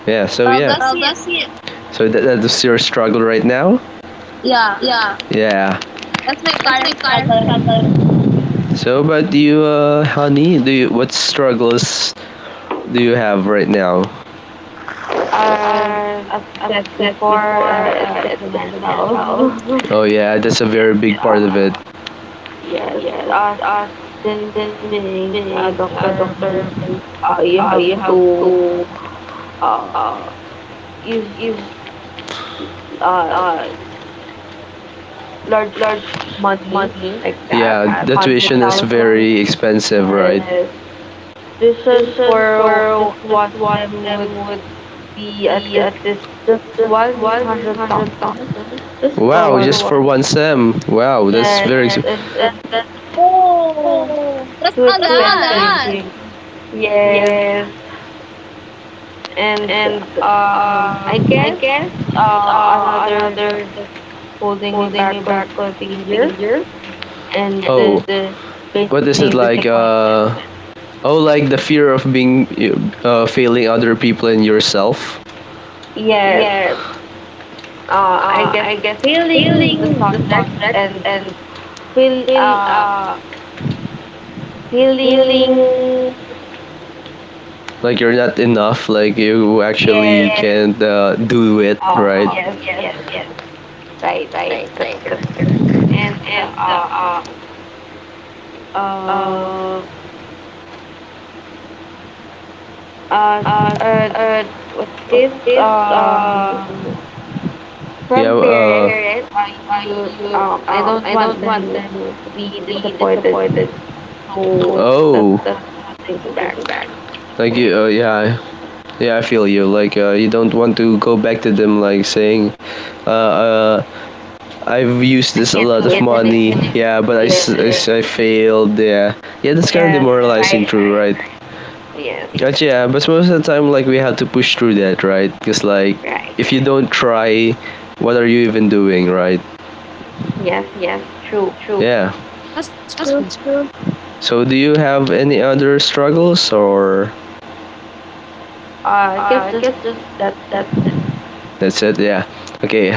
Speaker 1: Yeah. So
Speaker 2: Well,
Speaker 1: yeah.
Speaker 2: that's
Speaker 1: Well,
Speaker 2: it.
Speaker 1: that's it. So that's your struggle right now.
Speaker 2: Yeah,
Speaker 1: Yeah.
Speaker 2: that's my
Speaker 1: That's my
Speaker 2: current struggle
Speaker 1: current
Speaker 2: right now.
Speaker 1: struggle. So, but do you, honey, what struggles do you have right now?
Speaker 3: Uh,
Speaker 1: Uh,
Speaker 3: as I said before, it's the financial.
Speaker 1: Oh yeah, that's a very big
Speaker 3: [LAUGHS]
Speaker 1: part
Speaker 3: uh,
Speaker 1: of it.
Speaker 3: yes. Uh, since
Speaker 1: Then
Speaker 3: being a
Speaker 1: being
Speaker 3: doctor
Speaker 1: doctor,
Speaker 3: means you have
Speaker 1: you have
Speaker 3: to,
Speaker 1: to
Speaker 3: uh,
Speaker 1: uh,
Speaker 3: use
Speaker 1: use
Speaker 3: uh,
Speaker 1: uh,
Speaker 3: large
Speaker 1: large
Speaker 3: money
Speaker 1: money.
Speaker 3: like that,
Speaker 1: Yeah, the
Speaker 3: hundred
Speaker 1: tuition is
Speaker 3: thousand.
Speaker 1: very expensive,
Speaker 3: Yes.
Speaker 1: right?
Speaker 3: Tuition
Speaker 1: Tuition
Speaker 3: for just
Speaker 1: just
Speaker 3: one
Speaker 1: one-
Speaker 3: sem
Speaker 1: just
Speaker 3: would be at least
Speaker 1: this
Speaker 3: just
Speaker 1: just 100.
Speaker 3: 100,000 just for
Speaker 1: Wow,
Speaker 3: one
Speaker 1: just for
Speaker 3: sem.
Speaker 1: one sem. Wow, that's
Speaker 3: Yes,
Speaker 1: very. Yes,
Speaker 3: and that's just
Speaker 1: the
Speaker 2: Oh, that's
Speaker 3: too
Speaker 2: a
Speaker 1: whole
Speaker 2: lot.
Speaker 3: expensive. Yes, and I
Speaker 1: I
Speaker 3: guess, another that's holding me back was failure and,
Speaker 1: Oh, failure. What is it
Speaker 3: facing
Speaker 1: like?
Speaker 3: disappointment.
Speaker 1: Oh, like the fear of being failing other people and yourself.
Speaker 3: Yes,
Speaker 1: Yeah,
Speaker 3: I guess feeling the
Speaker 1: feeling the thought.
Speaker 3: subjects and feel uh feeling.
Speaker 1: Like you're not enough. Like you actually,
Speaker 3: Yes.
Speaker 1: yes, can't do it,
Speaker 3: Oh
Speaker 1: right?
Speaker 3: yes, yes, right, right, that's correct. And, uh,
Speaker 1: uh,
Speaker 3: uh,
Speaker 1: are
Speaker 3: uh, what's this, um,
Speaker 1: yeah.
Speaker 3: from parents? I don't want them
Speaker 1: Then
Speaker 3: to be
Speaker 1: be
Speaker 3: disappointed,
Speaker 1: disappointed. More,
Speaker 3: so that's
Speaker 1: oh, that's
Speaker 3: what's holding me back.
Speaker 1: thinking back. Like you.
Speaker 3: Right,
Speaker 1: Yeah. Yeah, I feel you. Like, you don't want to go back to them, like saying, uh, uh, "I've used
Speaker 3: I
Speaker 1: this a
Speaker 3: can't
Speaker 1: lot of,
Speaker 3: do
Speaker 1: can't do it,
Speaker 3: it
Speaker 1: money." And it's,
Speaker 3: anymore.
Speaker 1: yeah, but
Speaker 3: Yes,
Speaker 1: I failed. Yeah. Yeah, that's kind of
Speaker 3: yes,
Speaker 1: demoralizing,
Speaker 3: right,
Speaker 1: true,
Speaker 3: right,
Speaker 1: right?
Speaker 3: yes,
Speaker 1: But yeah, but most of the time, like we have to push through that, right? Because like,
Speaker 3: right,
Speaker 1: if you don't try, what are you even doing, right?
Speaker 3: yes,
Speaker 1: Yes.
Speaker 3: true.
Speaker 1: True.
Speaker 2: Yes,
Speaker 1: Yeah.
Speaker 2: yes, that's true.
Speaker 1: That's true. So do you have any other struggles or
Speaker 3: I guess just that's
Speaker 1: That
Speaker 3: it.
Speaker 1: that's it? Yeah. Okay.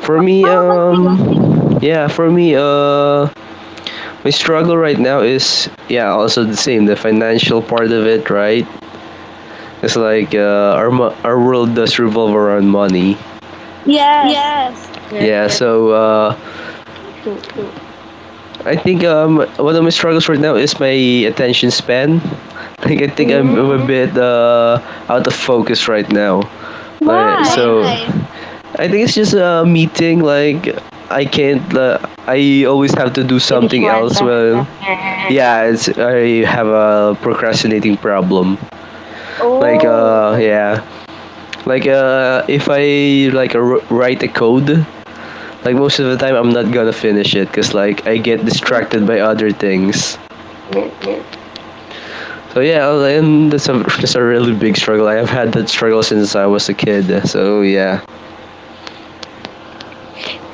Speaker 1: For
Speaker 2: How
Speaker 1: me,
Speaker 2: about you?
Speaker 1: yeah, for me, my struggle right now is, yeah, also the same, the financial part of it, right? It's like, our our world does revolve around money.
Speaker 2: Yes.
Speaker 3: Yes,
Speaker 1: Yeah, so
Speaker 3: true.
Speaker 1: I think, one of my struggles right now is my attention span. [LAUGHS] Like I think I'm a
Speaker 3: Mm,
Speaker 1: bit out of focus right now. Like,
Speaker 2: Why?
Speaker 1: so, why? I think it's just a meeting. Like I can't. I always have to do
Speaker 3: Finish
Speaker 1: something
Speaker 3: one
Speaker 1: else.
Speaker 3: task.
Speaker 1: Well,
Speaker 3: Yes.
Speaker 1: yeah, it's, I have a procrastinating problem. Like,
Speaker 2: Oh,
Speaker 1: yeah, like, if I, like, write a code, like most of the time I'm not gonna finish it because like I get
Speaker 3: Mm,
Speaker 1: distracted by other things.
Speaker 3: yes.
Speaker 1: So yeah, well, and that's a [LAUGHS] that's a really big struggle. I have had that struggle since I was a kid. So yeah,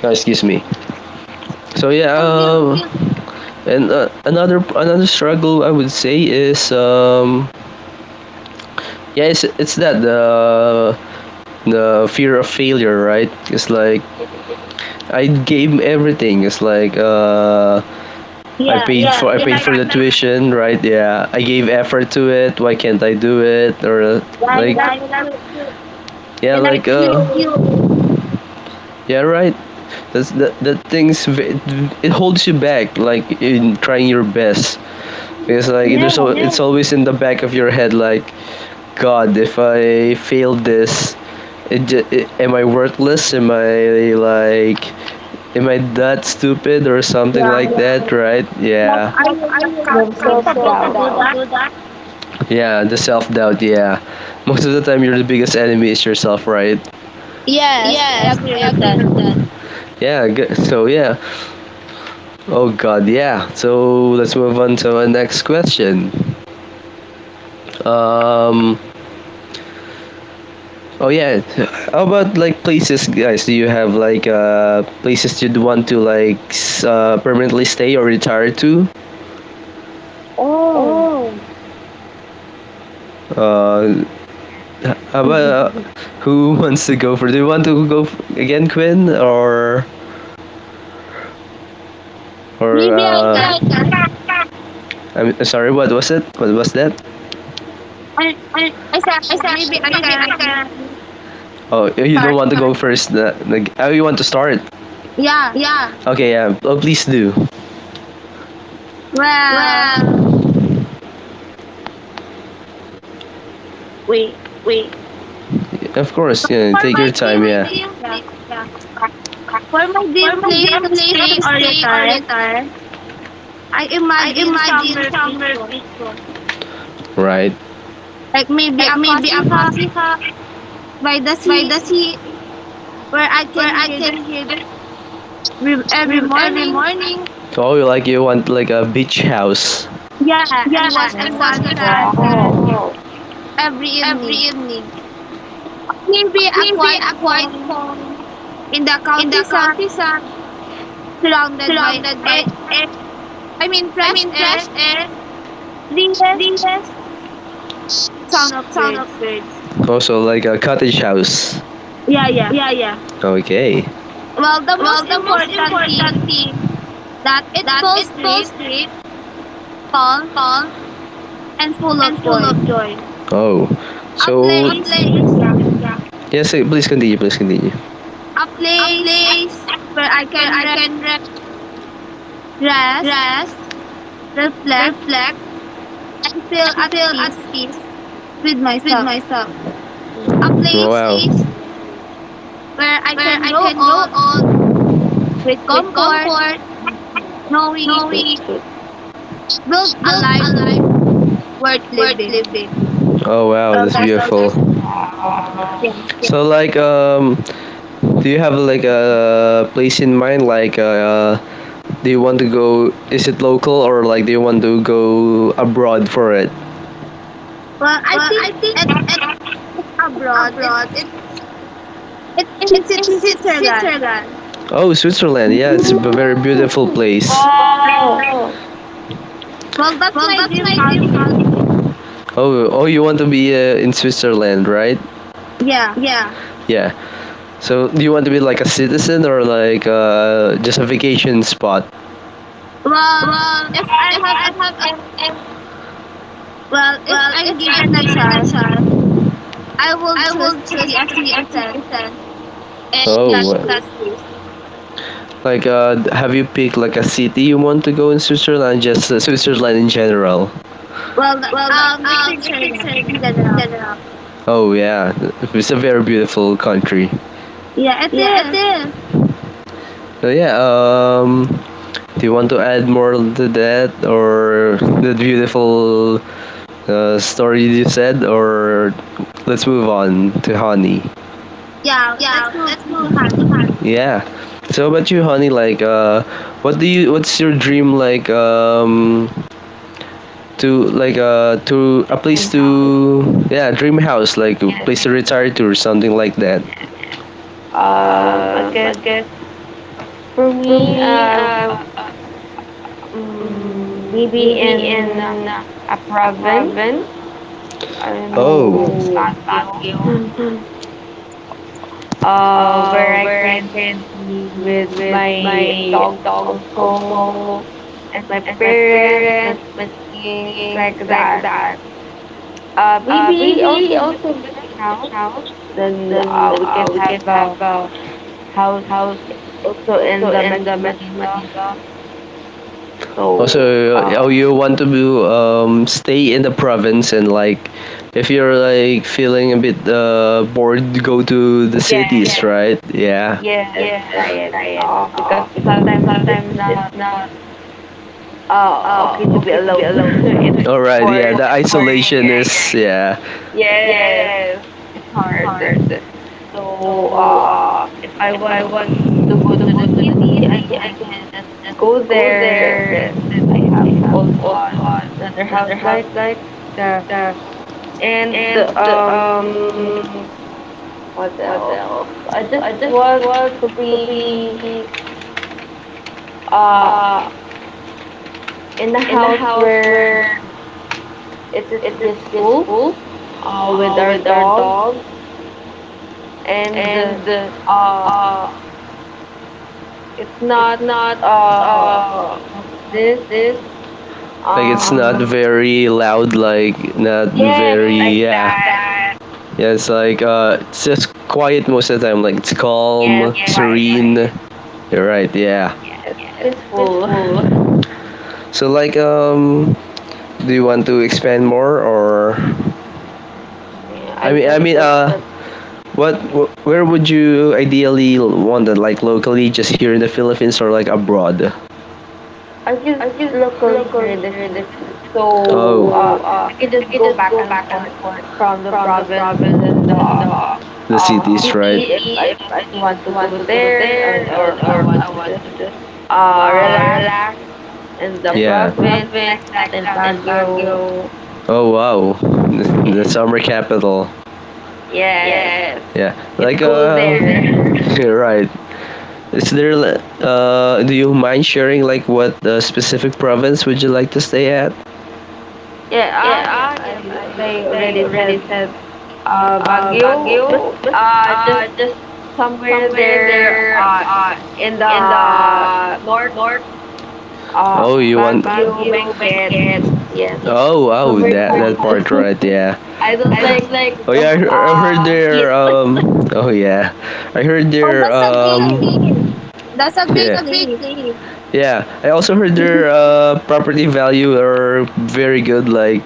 Speaker 1: oh, excuse me. So yeah,
Speaker 2: so you?
Speaker 1: and another struggle I would say is, yeah, it's, that the fear of failure, right? It's like
Speaker 3: Yes.
Speaker 1: I gave everything, it's like, I
Speaker 2: Yeah,
Speaker 1: paid, yeah,
Speaker 2: yeah.
Speaker 1: for, I, yeah,
Speaker 2: You
Speaker 1: paid
Speaker 2: like?
Speaker 1: for the tuition, right? Yeah, I gave effort to it, why can't I do it? Or,
Speaker 2: Yeah, you
Speaker 1: like,
Speaker 2: like?
Speaker 1: yeah, you love
Speaker 2: You
Speaker 1: you. Yeah,
Speaker 2: you like
Speaker 1: like I, like you.
Speaker 2: you?
Speaker 1: Yeah, right, that's that things, it holds you back, like, in trying your best, because like, there's so,
Speaker 2: Yeah.
Speaker 1: yeah, it's always in the back of your head, like, god, if I fail this, it, am I worthless? Am I like, am I that stupid or something like
Speaker 2: Yeah.
Speaker 1: that, right?
Speaker 2: Like
Speaker 1: Yeah.
Speaker 2: I am not
Speaker 3: You have
Speaker 2: capable to
Speaker 3: self-doubt.
Speaker 2: do that.
Speaker 1: Yeah, the self doubt, yeah. Most of the time, your biggest enemy is yourself, right?
Speaker 2: Yes,
Speaker 3: Yes.
Speaker 1: Yes,
Speaker 2: I agree
Speaker 1: I
Speaker 2: with
Speaker 1: agree
Speaker 2: that.
Speaker 1: with that. Yeah, good. So yeah. Oh god, yeah. So let's move on to our next question. Um, Oh yeah. How about like places, guys? Do you have like, places you'd want to like, permanently stay or retire to?
Speaker 2: Oh,
Speaker 1: Oh. Uh, how about,
Speaker 3: [LAUGHS]
Speaker 1: who [LAUGHS] wants to go for? Do you want to go again, Quinn, or maybe?
Speaker 2: maybe I can.
Speaker 1: I can. I'm, sorry. What was it? What was that?
Speaker 2: I,
Speaker 1: I,
Speaker 2: I said maybe I
Speaker 1: maybe.
Speaker 2: can
Speaker 1: Oh, you don't
Speaker 2: start.
Speaker 1: want to, I go can, first. Like, how you want to start?
Speaker 2: Yeah.
Speaker 1: Okay,
Speaker 3: Yeah.
Speaker 1: yeah. Oh, please do.
Speaker 2: Well,
Speaker 1: Well,
Speaker 2: wait.
Speaker 1: wait. Of course, yeah.
Speaker 2: For
Speaker 1: Take your,
Speaker 2: my
Speaker 1: for time,
Speaker 2: dream
Speaker 1: my, yeah. Do
Speaker 2: place,
Speaker 1: you
Speaker 2: yeah.
Speaker 1: play, yeah.
Speaker 2: For my dream
Speaker 1: Formal
Speaker 2: place
Speaker 1: game
Speaker 2: to
Speaker 1: play
Speaker 2: stay
Speaker 1: to
Speaker 2: or
Speaker 1: stay or
Speaker 2: retire,
Speaker 1: retire
Speaker 2: I imagine somewhere
Speaker 1: since your
Speaker 2: peaceful,
Speaker 1: picture. Right.
Speaker 2: like maybe
Speaker 1: Like
Speaker 2: a
Speaker 1: maybe a
Speaker 2: cozy hut
Speaker 1: cozy house
Speaker 2: by the
Speaker 1: by
Speaker 2: sea
Speaker 1: the sea
Speaker 2: where I can
Speaker 1: where I
Speaker 2: hear the
Speaker 1: can hear the
Speaker 2: river every
Speaker 1: river
Speaker 2: morning.
Speaker 1: morning. Oh, you want like a beach house.
Speaker 2: Yeah, and watch the
Speaker 1: Watch
Speaker 3: Yes.
Speaker 1: the
Speaker 2: sunset
Speaker 3: Wow.
Speaker 1: sunset
Speaker 2: every
Speaker 1: every
Speaker 2: evening.
Speaker 1: evening.
Speaker 2: Maybe a
Speaker 1: Maybe
Speaker 2: quiet
Speaker 1: a quiet
Speaker 2: home
Speaker 1: home
Speaker 2: in the countryside, surrounded by
Speaker 1: led by
Speaker 2: air,
Speaker 1: air,
Speaker 2: I mean
Speaker 1: I
Speaker 2: fresh
Speaker 1: mean
Speaker 2: air,
Speaker 1: fresh air
Speaker 2: breeze, sound of
Speaker 1: of
Speaker 2: birds.
Speaker 1: birds. Also like a cottage house.
Speaker 2: Yeah, yeah.
Speaker 1: Yeah, yeah. Okay.
Speaker 2: Well, the most
Speaker 1: Most
Speaker 2: important
Speaker 1: important
Speaker 2: thing
Speaker 1: thing
Speaker 2: that it feels free,
Speaker 1: is great
Speaker 2: calm, and full of
Speaker 1: and full
Speaker 2: joy.
Speaker 1: of joy. Oh,
Speaker 2: A
Speaker 1: so a so
Speaker 2: place, yeah,
Speaker 1: place, yeah, yes, eh, please continue, please continue.
Speaker 2: a
Speaker 1: A
Speaker 2: place
Speaker 1: place
Speaker 2: where I can
Speaker 1: I can rest
Speaker 2: rest,
Speaker 1: fast
Speaker 2: reflect, and feel
Speaker 1: and
Speaker 2: at
Speaker 1: feel
Speaker 2: peace
Speaker 1: at peace
Speaker 2: with
Speaker 1: with
Speaker 2: myself.
Speaker 1: myself.
Speaker 2: A
Speaker 3: Yes.
Speaker 2: place
Speaker 1: Wow. A place
Speaker 2: where I can grow
Speaker 1: where I
Speaker 2: old
Speaker 1: can grow old
Speaker 2: with
Speaker 1: with
Speaker 2: comfort,
Speaker 1: comfort,
Speaker 2: knowing
Speaker 3: Good.
Speaker 1: knowing
Speaker 2: build a
Speaker 1: built
Speaker 2: life
Speaker 1: a life
Speaker 2: worth
Speaker 1: worth
Speaker 2: living.
Speaker 1: living. Oh wow,
Speaker 2: Oh,
Speaker 1: that's
Speaker 2: that's
Speaker 1: beautiful.
Speaker 3: Wow.
Speaker 2: yeah.
Speaker 1: So like, do you have like a place in mind, like, do you want to go? Is it local or like do you want to go abroad for it?
Speaker 2: Well, I
Speaker 1: Well,
Speaker 2: think
Speaker 1: I
Speaker 2: at
Speaker 1: think it's
Speaker 2: abroad,
Speaker 1: abroad. It
Speaker 2: it's in
Speaker 1: it is in
Speaker 2: Switzerland.
Speaker 1: Switzerland. Oh, Switzerland. Yeah, it's a
Speaker 3: Mm,
Speaker 1: very beautiful place.
Speaker 3: wow.
Speaker 1: Wow.
Speaker 2: Well, that's
Speaker 1: Well,
Speaker 2: my
Speaker 1: that's
Speaker 2: dream
Speaker 1: my dream
Speaker 2: country.
Speaker 1: holiday. Oh, oh, you want to be, in Switzerland, right?
Speaker 2: Yeah.
Speaker 1: Yeah. Yeah. So, do you want to be like a citizen or like, just a vacation spot?
Speaker 2: Well,
Speaker 1: Well,
Speaker 2: if I
Speaker 1: if
Speaker 2: have
Speaker 1: I have
Speaker 2: a
Speaker 1: a
Speaker 2: well, if I'm
Speaker 1: if
Speaker 2: given
Speaker 1: I'm
Speaker 2: a
Speaker 1: given a
Speaker 2: chance,
Speaker 1: chance,
Speaker 2: I will choose to
Speaker 1: choose
Speaker 2: be a
Speaker 1: to be a,
Speaker 2: citizen in that
Speaker 1: oh, is that
Speaker 2: place.
Speaker 1: like, have you picked like a city you want to go in Switzerland? Just, Switzerland in general.
Speaker 2: Well,
Speaker 1: um, it's
Speaker 2: Switzerland in general.
Speaker 1: excellent. Oh yeah, it's a very beautiful country.
Speaker 2: Yeah, it
Speaker 1: Yeah, it
Speaker 2: is.
Speaker 1: is. So yeah, do you want to add more to that or the beautiful, story you said, or let's move on to honey?
Speaker 2: Yeah, let's move
Speaker 1: That's so
Speaker 2: into Hanoi.
Speaker 1: fun. Yeah. So about you, honey? Like, what do you? What's your dream? Like, to like, to a
Speaker 3: Like dream
Speaker 1: place
Speaker 3: house.
Speaker 1: to, yeah, dream house, like a
Speaker 3: Yes.
Speaker 1: place to retire to or something like that.
Speaker 3: I
Speaker 1: I
Speaker 3: guess
Speaker 1: guess
Speaker 3: for
Speaker 1: for
Speaker 3: me,
Speaker 1: me, uh, um,
Speaker 3: maybe
Speaker 1: maybe
Speaker 3: in
Speaker 1: in a
Speaker 3: a province.
Speaker 1: province,
Speaker 3: I don't
Speaker 1: oh,
Speaker 3: know,
Speaker 1: so
Speaker 3: Baguio.
Speaker 1: Baguio,
Speaker 3: [LAUGHS] Where I
Speaker 1: where I
Speaker 3: can
Speaker 1: can
Speaker 3: be with
Speaker 1: be with
Speaker 3: my
Speaker 1: my
Speaker 3: dogs
Speaker 1: dogs
Speaker 3: also
Speaker 1: also
Speaker 3: and my
Speaker 1: and my
Speaker 3: parents, my
Speaker 1: parents, my,
Speaker 3: siblings, like that. Maybe
Speaker 1: Maybe
Speaker 3: also
Speaker 1: on the
Speaker 3: vacation house.
Speaker 1: house,
Speaker 3: Then,
Speaker 1: then,
Speaker 3: we can
Speaker 1: we can
Speaker 3: have
Speaker 1: have,
Speaker 3: a
Speaker 1: uh,
Speaker 3: house also in the
Speaker 1: food, the,
Speaker 3: Metro Manila. So,
Speaker 1: also, oh, you want to do, stay in the province and like, if you're like feeling a bit, bored, go to the cities,
Speaker 3: yes,
Speaker 1: yeah, right? Yeah,
Speaker 3: yes,
Speaker 1: yes,
Speaker 3: right.
Speaker 1: right.
Speaker 3: Because
Speaker 1: Because
Speaker 3: sometimes it's
Speaker 1: sometimes
Speaker 3: not
Speaker 1: it's not,
Speaker 3: okay to be
Speaker 1: okay to be
Speaker 3: alone. [LAUGHS] It's
Speaker 1: alone. All right.
Speaker 3: bored.
Speaker 1: Yeah, the [LAUGHS]
Speaker 3: It's boring,
Speaker 1: isolation is,
Speaker 3: right?
Speaker 1: yeah.
Speaker 3: Yes,
Speaker 1: Yes,
Speaker 3: it's
Speaker 1: it's
Speaker 3: hard.
Speaker 1: hard. So
Speaker 3: So, if I
Speaker 1: if I
Speaker 3: want
Speaker 1: want
Speaker 3: to
Speaker 1: to
Speaker 3: go to
Speaker 1: go
Speaker 3: the
Speaker 1: to the
Speaker 3: city, I
Speaker 1: city, I
Speaker 3: can
Speaker 1: can
Speaker 3: just
Speaker 1: just
Speaker 3: go
Speaker 1: go
Speaker 3: there
Speaker 1: there,
Speaker 3: since
Speaker 1: and
Speaker 3: I
Speaker 1: then
Speaker 3: have
Speaker 1: I have
Speaker 3: also
Speaker 1: also on
Speaker 3: another
Speaker 1: the other
Speaker 3: house
Speaker 1: house
Speaker 3: like
Speaker 1: like
Speaker 3: that.
Speaker 1: the
Speaker 3: And what else? I just
Speaker 1: I just
Speaker 3: want
Speaker 1: want
Speaker 3: to
Speaker 1: to be
Speaker 3: be uh in a
Speaker 1: in a
Speaker 3: house
Speaker 1: house
Speaker 3: where
Speaker 1: where
Speaker 3: it
Speaker 1: it
Speaker 3: is
Speaker 1: is
Speaker 3: peaceful,
Speaker 1: peaceful,
Speaker 3: with our
Speaker 1: with
Speaker 3: dogs and
Speaker 1: and,
Speaker 3: uh
Speaker 1: uh,
Speaker 3: it's
Speaker 1: it's
Speaker 3: not,
Speaker 1: not,
Speaker 3: uh what's this?
Speaker 1: like it's not, awesome,
Speaker 3: Um,
Speaker 1: very loud, like not
Speaker 3: yes,
Speaker 1: very,
Speaker 3: like
Speaker 1: yeah.
Speaker 3: that.
Speaker 1: Yeah, it's like, it's just quiet most of the time. Like it's calm,
Speaker 3: Yes,
Speaker 1: yeah, it's
Speaker 3: quiet.
Speaker 1: serene, quiet. You're right. Yeah.
Speaker 3: Yes,
Speaker 1: Yes.
Speaker 3: peaceful. [LAUGHS]
Speaker 1: Cool. So like, do you want to expand more or?
Speaker 3: Yeah, I
Speaker 1: I mean, I
Speaker 3: guess
Speaker 1: mean
Speaker 3: that's
Speaker 1: What? Where would you ideally want it? Like locally, just here in the Philippines, or like abroad?
Speaker 3: I guess
Speaker 1: I just
Speaker 3: locally here
Speaker 1: locally
Speaker 3: in the
Speaker 1: here in the
Speaker 3: Philippines.
Speaker 1: Philippines. So, oh,
Speaker 3: So
Speaker 1: so
Speaker 3: I can just
Speaker 1: I
Speaker 3: go
Speaker 1: can
Speaker 3: back and forth
Speaker 1: support
Speaker 3: from the province
Speaker 1: province
Speaker 3: and the
Speaker 1: and the cities, right?
Speaker 3: city if
Speaker 1: City
Speaker 3: I
Speaker 1: if it's
Speaker 3: just want to
Speaker 1: good,
Speaker 3: go there and, or I
Speaker 1: or
Speaker 3: want
Speaker 1: I
Speaker 3: to
Speaker 1: want
Speaker 3: just,
Speaker 1: to just,
Speaker 3: relax in the
Speaker 1: yeah.
Speaker 3: province like that in Baguio.
Speaker 1: Baguio. Oh wow, [LAUGHS] the
Speaker 3: Yes.
Speaker 1: summer capital.
Speaker 3: Yes.
Speaker 1: Yeah,
Speaker 3: It's
Speaker 1: like,
Speaker 3: cool
Speaker 1: [LAUGHS]
Speaker 3: there.
Speaker 1: there,
Speaker 3: [LAUGHS]
Speaker 1: you're right. Is there do you mind sharing like what, specific province would you like to stay at?
Speaker 3: Yeah,
Speaker 1: Yeah,
Speaker 3: ah,
Speaker 1: ah,
Speaker 3: yes,
Speaker 1: yes,
Speaker 3: as I
Speaker 1: I, they
Speaker 3: already
Speaker 1: already
Speaker 3: said,
Speaker 1: said,
Speaker 3: Baguio,
Speaker 1: Baguio, but,
Speaker 3: just
Speaker 1: just,
Speaker 3: somewhere there, in the north, uh,
Speaker 1: oh, you want?
Speaker 3: Baguio,
Speaker 1: Baguio,
Speaker 3: Benguet,
Speaker 1: Phuket.
Speaker 3: yes,
Speaker 1: Oh wow,
Speaker 3: somewhere
Speaker 1: that
Speaker 3: cold.
Speaker 1: part,
Speaker 3: [LAUGHS]
Speaker 1: right? Yeah.
Speaker 3: I don't like
Speaker 1: Oh
Speaker 3: the,
Speaker 1: yeah, I heard.
Speaker 3: heat.
Speaker 1: Their, Oh yeah, I heard
Speaker 2: Oh,
Speaker 1: their, that's a,
Speaker 2: that's a great.
Speaker 1: player.
Speaker 2: That's a
Speaker 1: That's,
Speaker 2: great
Speaker 1: yeah, a great
Speaker 2: place.
Speaker 1: player. Yeah. I also heard their,
Speaker 3: [LAUGHS]
Speaker 1: property value are very good. Like,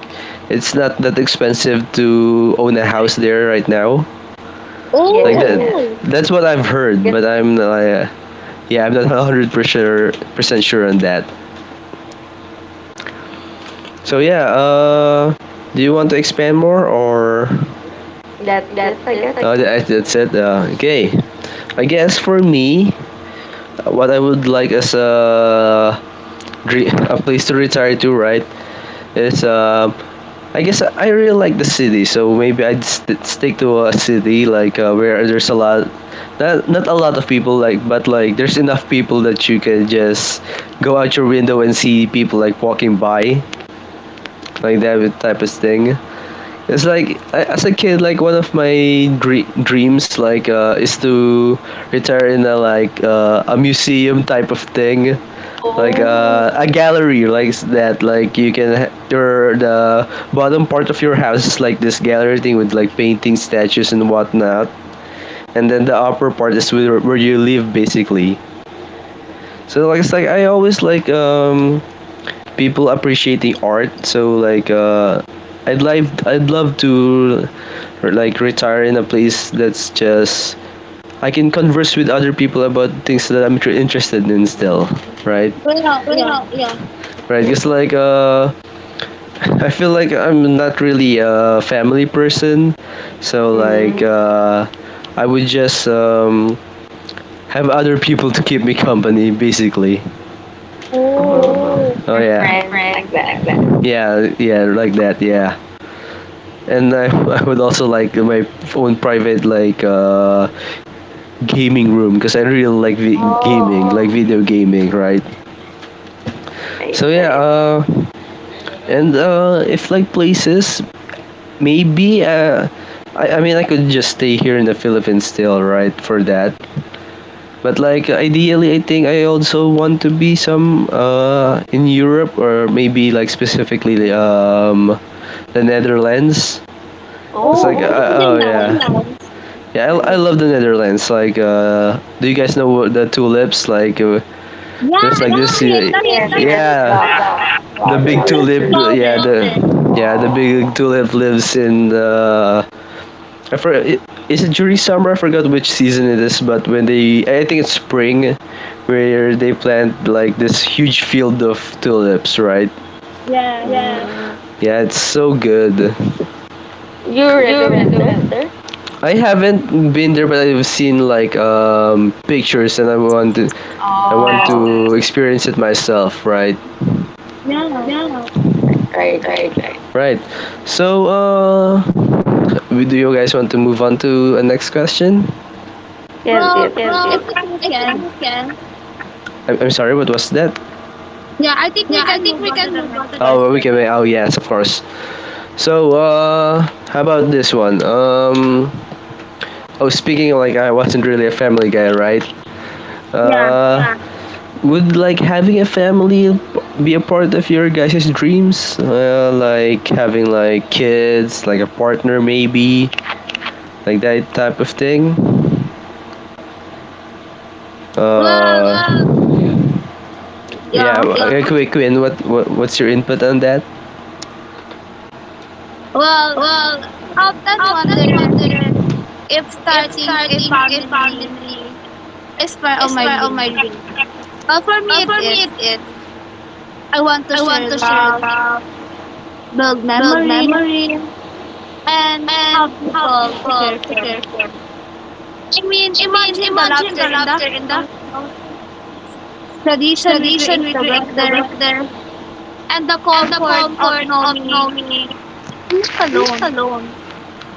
Speaker 1: it's not that expensive to own a house there right now. Like that.
Speaker 3: Yes,
Speaker 2: Oh,
Speaker 1: Oh, that's what I've heard,
Speaker 3: guess
Speaker 1: but I'm not. Yeah, I'm not [LAUGHS] hundred percent sure on that. So yeah. Do you want to expand more or?
Speaker 3: that's it,
Speaker 1: That's
Speaker 3: I
Speaker 1: it, I,
Speaker 3: guess.
Speaker 1: oh, guess, that, guess, that's it. Okay. I guess for me, what I would like as a, a place to retire to, right? Is, I guess I really like the city, so maybe I'd stick to a city like, where there's a lot, not a lot of people, like, but like there's enough people that you can just go out your window and see people like walking by, like that type of thing. It's like I, as a kid, like one of my dreams is to retire in a like a museum type of thing, like
Speaker 3: Oh,
Speaker 1: a gallery like that, like you can ha- your the bottom part of your house is like this gallery thing with like paintings, statues, and whatnot, and then the upper part is where you live, basically. So like, it's like I always like, people appreciating art, so like I'd love to like retire in a place that's just I can converse with other people about things that I'm interested in
Speaker 3: mm,
Speaker 1: still, right?
Speaker 2: well, yeah.
Speaker 1: Well, yeah. Right,
Speaker 3: yes.
Speaker 1: because like [LAUGHS] I feel like I'm not really a family person, so
Speaker 3: Mm,
Speaker 1: like I would just have other people to keep me company, basically.
Speaker 3: uh-huh.
Speaker 2: Oh,
Speaker 1: Oh, oh
Speaker 3: Your
Speaker 1: yeah, your
Speaker 3: friends
Speaker 1: friends
Speaker 3: like
Speaker 1: like
Speaker 3: that.
Speaker 1: that. Yeah, yeah, like that, yeah. And I, [LAUGHS] I would also like my own private like gaming room, because I really like gaming,
Speaker 3: Oh,
Speaker 1: like video gaming, right? So
Speaker 3: right,
Speaker 1: yeah,
Speaker 3: right.
Speaker 1: and if like places, maybe I mean, I could just stay here in the Philippines still, right? For that, but like ideally, I think I also want to be some in Europe, or maybe like specifically the Netherlands. It's
Speaker 2: oh,
Speaker 1: like
Speaker 2: what
Speaker 3: Oh,
Speaker 2: is
Speaker 1: oh
Speaker 2: the
Speaker 1: yeah.
Speaker 2: last?
Speaker 1: Yeah, I
Speaker 3: nice.
Speaker 1: love the Netherlands. Like, do you guys know what the tulips? Like,
Speaker 2: Yeah,
Speaker 1: there's
Speaker 2: I
Speaker 1: like
Speaker 2: know
Speaker 1: this,
Speaker 2: it.
Speaker 1: yeah,
Speaker 2: That's my
Speaker 3: Yes, yes,
Speaker 1: yeah,
Speaker 3: the
Speaker 1: the big
Speaker 2: favorite
Speaker 3: flower.
Speaker 1: tulip,
Speaker 2: flower.
Speaker 1: yeah, the
Speaker 3: Oh,
Speaker 1: big tulip lives in the. I for, is it during summer? I forgot which season it is, but when they, I think it's spring, where they plant like this huge field of tulips, right?
Speaker 2: Yeah.
Speaker 3: mm.
Speaker 1: Yeah. Yeah, it's so good.
Speaker 3: You
Speaker 1: You
Speaker 3: already went
Speaker 1: already
Speaker 3: there?
Speaker 1: went there? I haven't been there, but I've seen like pictures, and I want
Speaker 3: Oh,
Speaker 1: to experience it myself, right?
Speaker 2: Yeah.
Speaker 3: mm.
Speaker 1: Yeah.
Speaker 3: Right, right.
Speaker 1: Right, right. Right. So, do you guys want to move on to a next question?
Speaker 3: Yes,
Speaker 2: Well,
Speaker 3: yes.
Speaker 1: Well,
Speaker 2: I
Speaker 1: proceed.
Speaker 2: think we
Speaker 1: We
Speaker 2: can.
Speaker 1: can. I'm sorry, what was that? We
Speaker 2: Yeah, I think we can move on
Speaker 1: can
Speaker 2: to the
Speaker 1: move on to the
Speaker 2: next
Speaker 1: oh, we
Speaker 2: question.
Speaker 1: can. Oh, yes, of course. So, how about this one? Oh, speaking of like, I wasn't really a family guy, right?
Speaker 2: Yeah.
Speaker 1: Yeah. Would like having a family be a part of your guys' dreams? Like having like kids, like a partner, maybe, like that type of thing.
Speaker 2: Well,
Speaker 1: Uh,
Speaker 2: yeah.
Speaker 1: yeah, Quinn, what what's your input on that?
Speaker 2: Well, I often
Speaker 1: Captain
Speaker 2: wonder
Speaker 1: Water
Speaker 2: if starting a
Speaker 1: starting
Speaker 2: family
Speaker 1: memory
Speaker 2: is part of my
Speaker 1: expire all
Speaker 2: dream.
Speaker 1: my dreams.
Speaker 2: Well, for me, it
Speaker 1: For me, it
Speaker 2: is.
Speaker 1: is
Speaker 2: I want to share
Speaker 1: to share
Speaker 2: love, build memories,
Speaker 1: memory
Speaker 2: and
Speaker 1: and
Speaker 2: have
Speaker 1: how
Speaker 2: people to
Speaker 1: people
Speaker 2: care for. I
Speaker 1: prepare for.
Speaker 2: mean,
Speaker 1: I mean,
Speaker 2: imagine the
Speaker 1: imagine the
Speaker 2: laughter in the
Speaker 1: laughter in the
Speaker 2: tradition we
Speaker 1: tradition
Speaker 2: create
Speaker 1: we create, the
Speaker 2: together and the comfort of
Speaker 1: comfort of
Speaker 2: knowing
Speaker 1: knowing
Speaker 2: I'm not
Speaker 1: you're not
Speaker 2: alone.
Speaker 1: alone,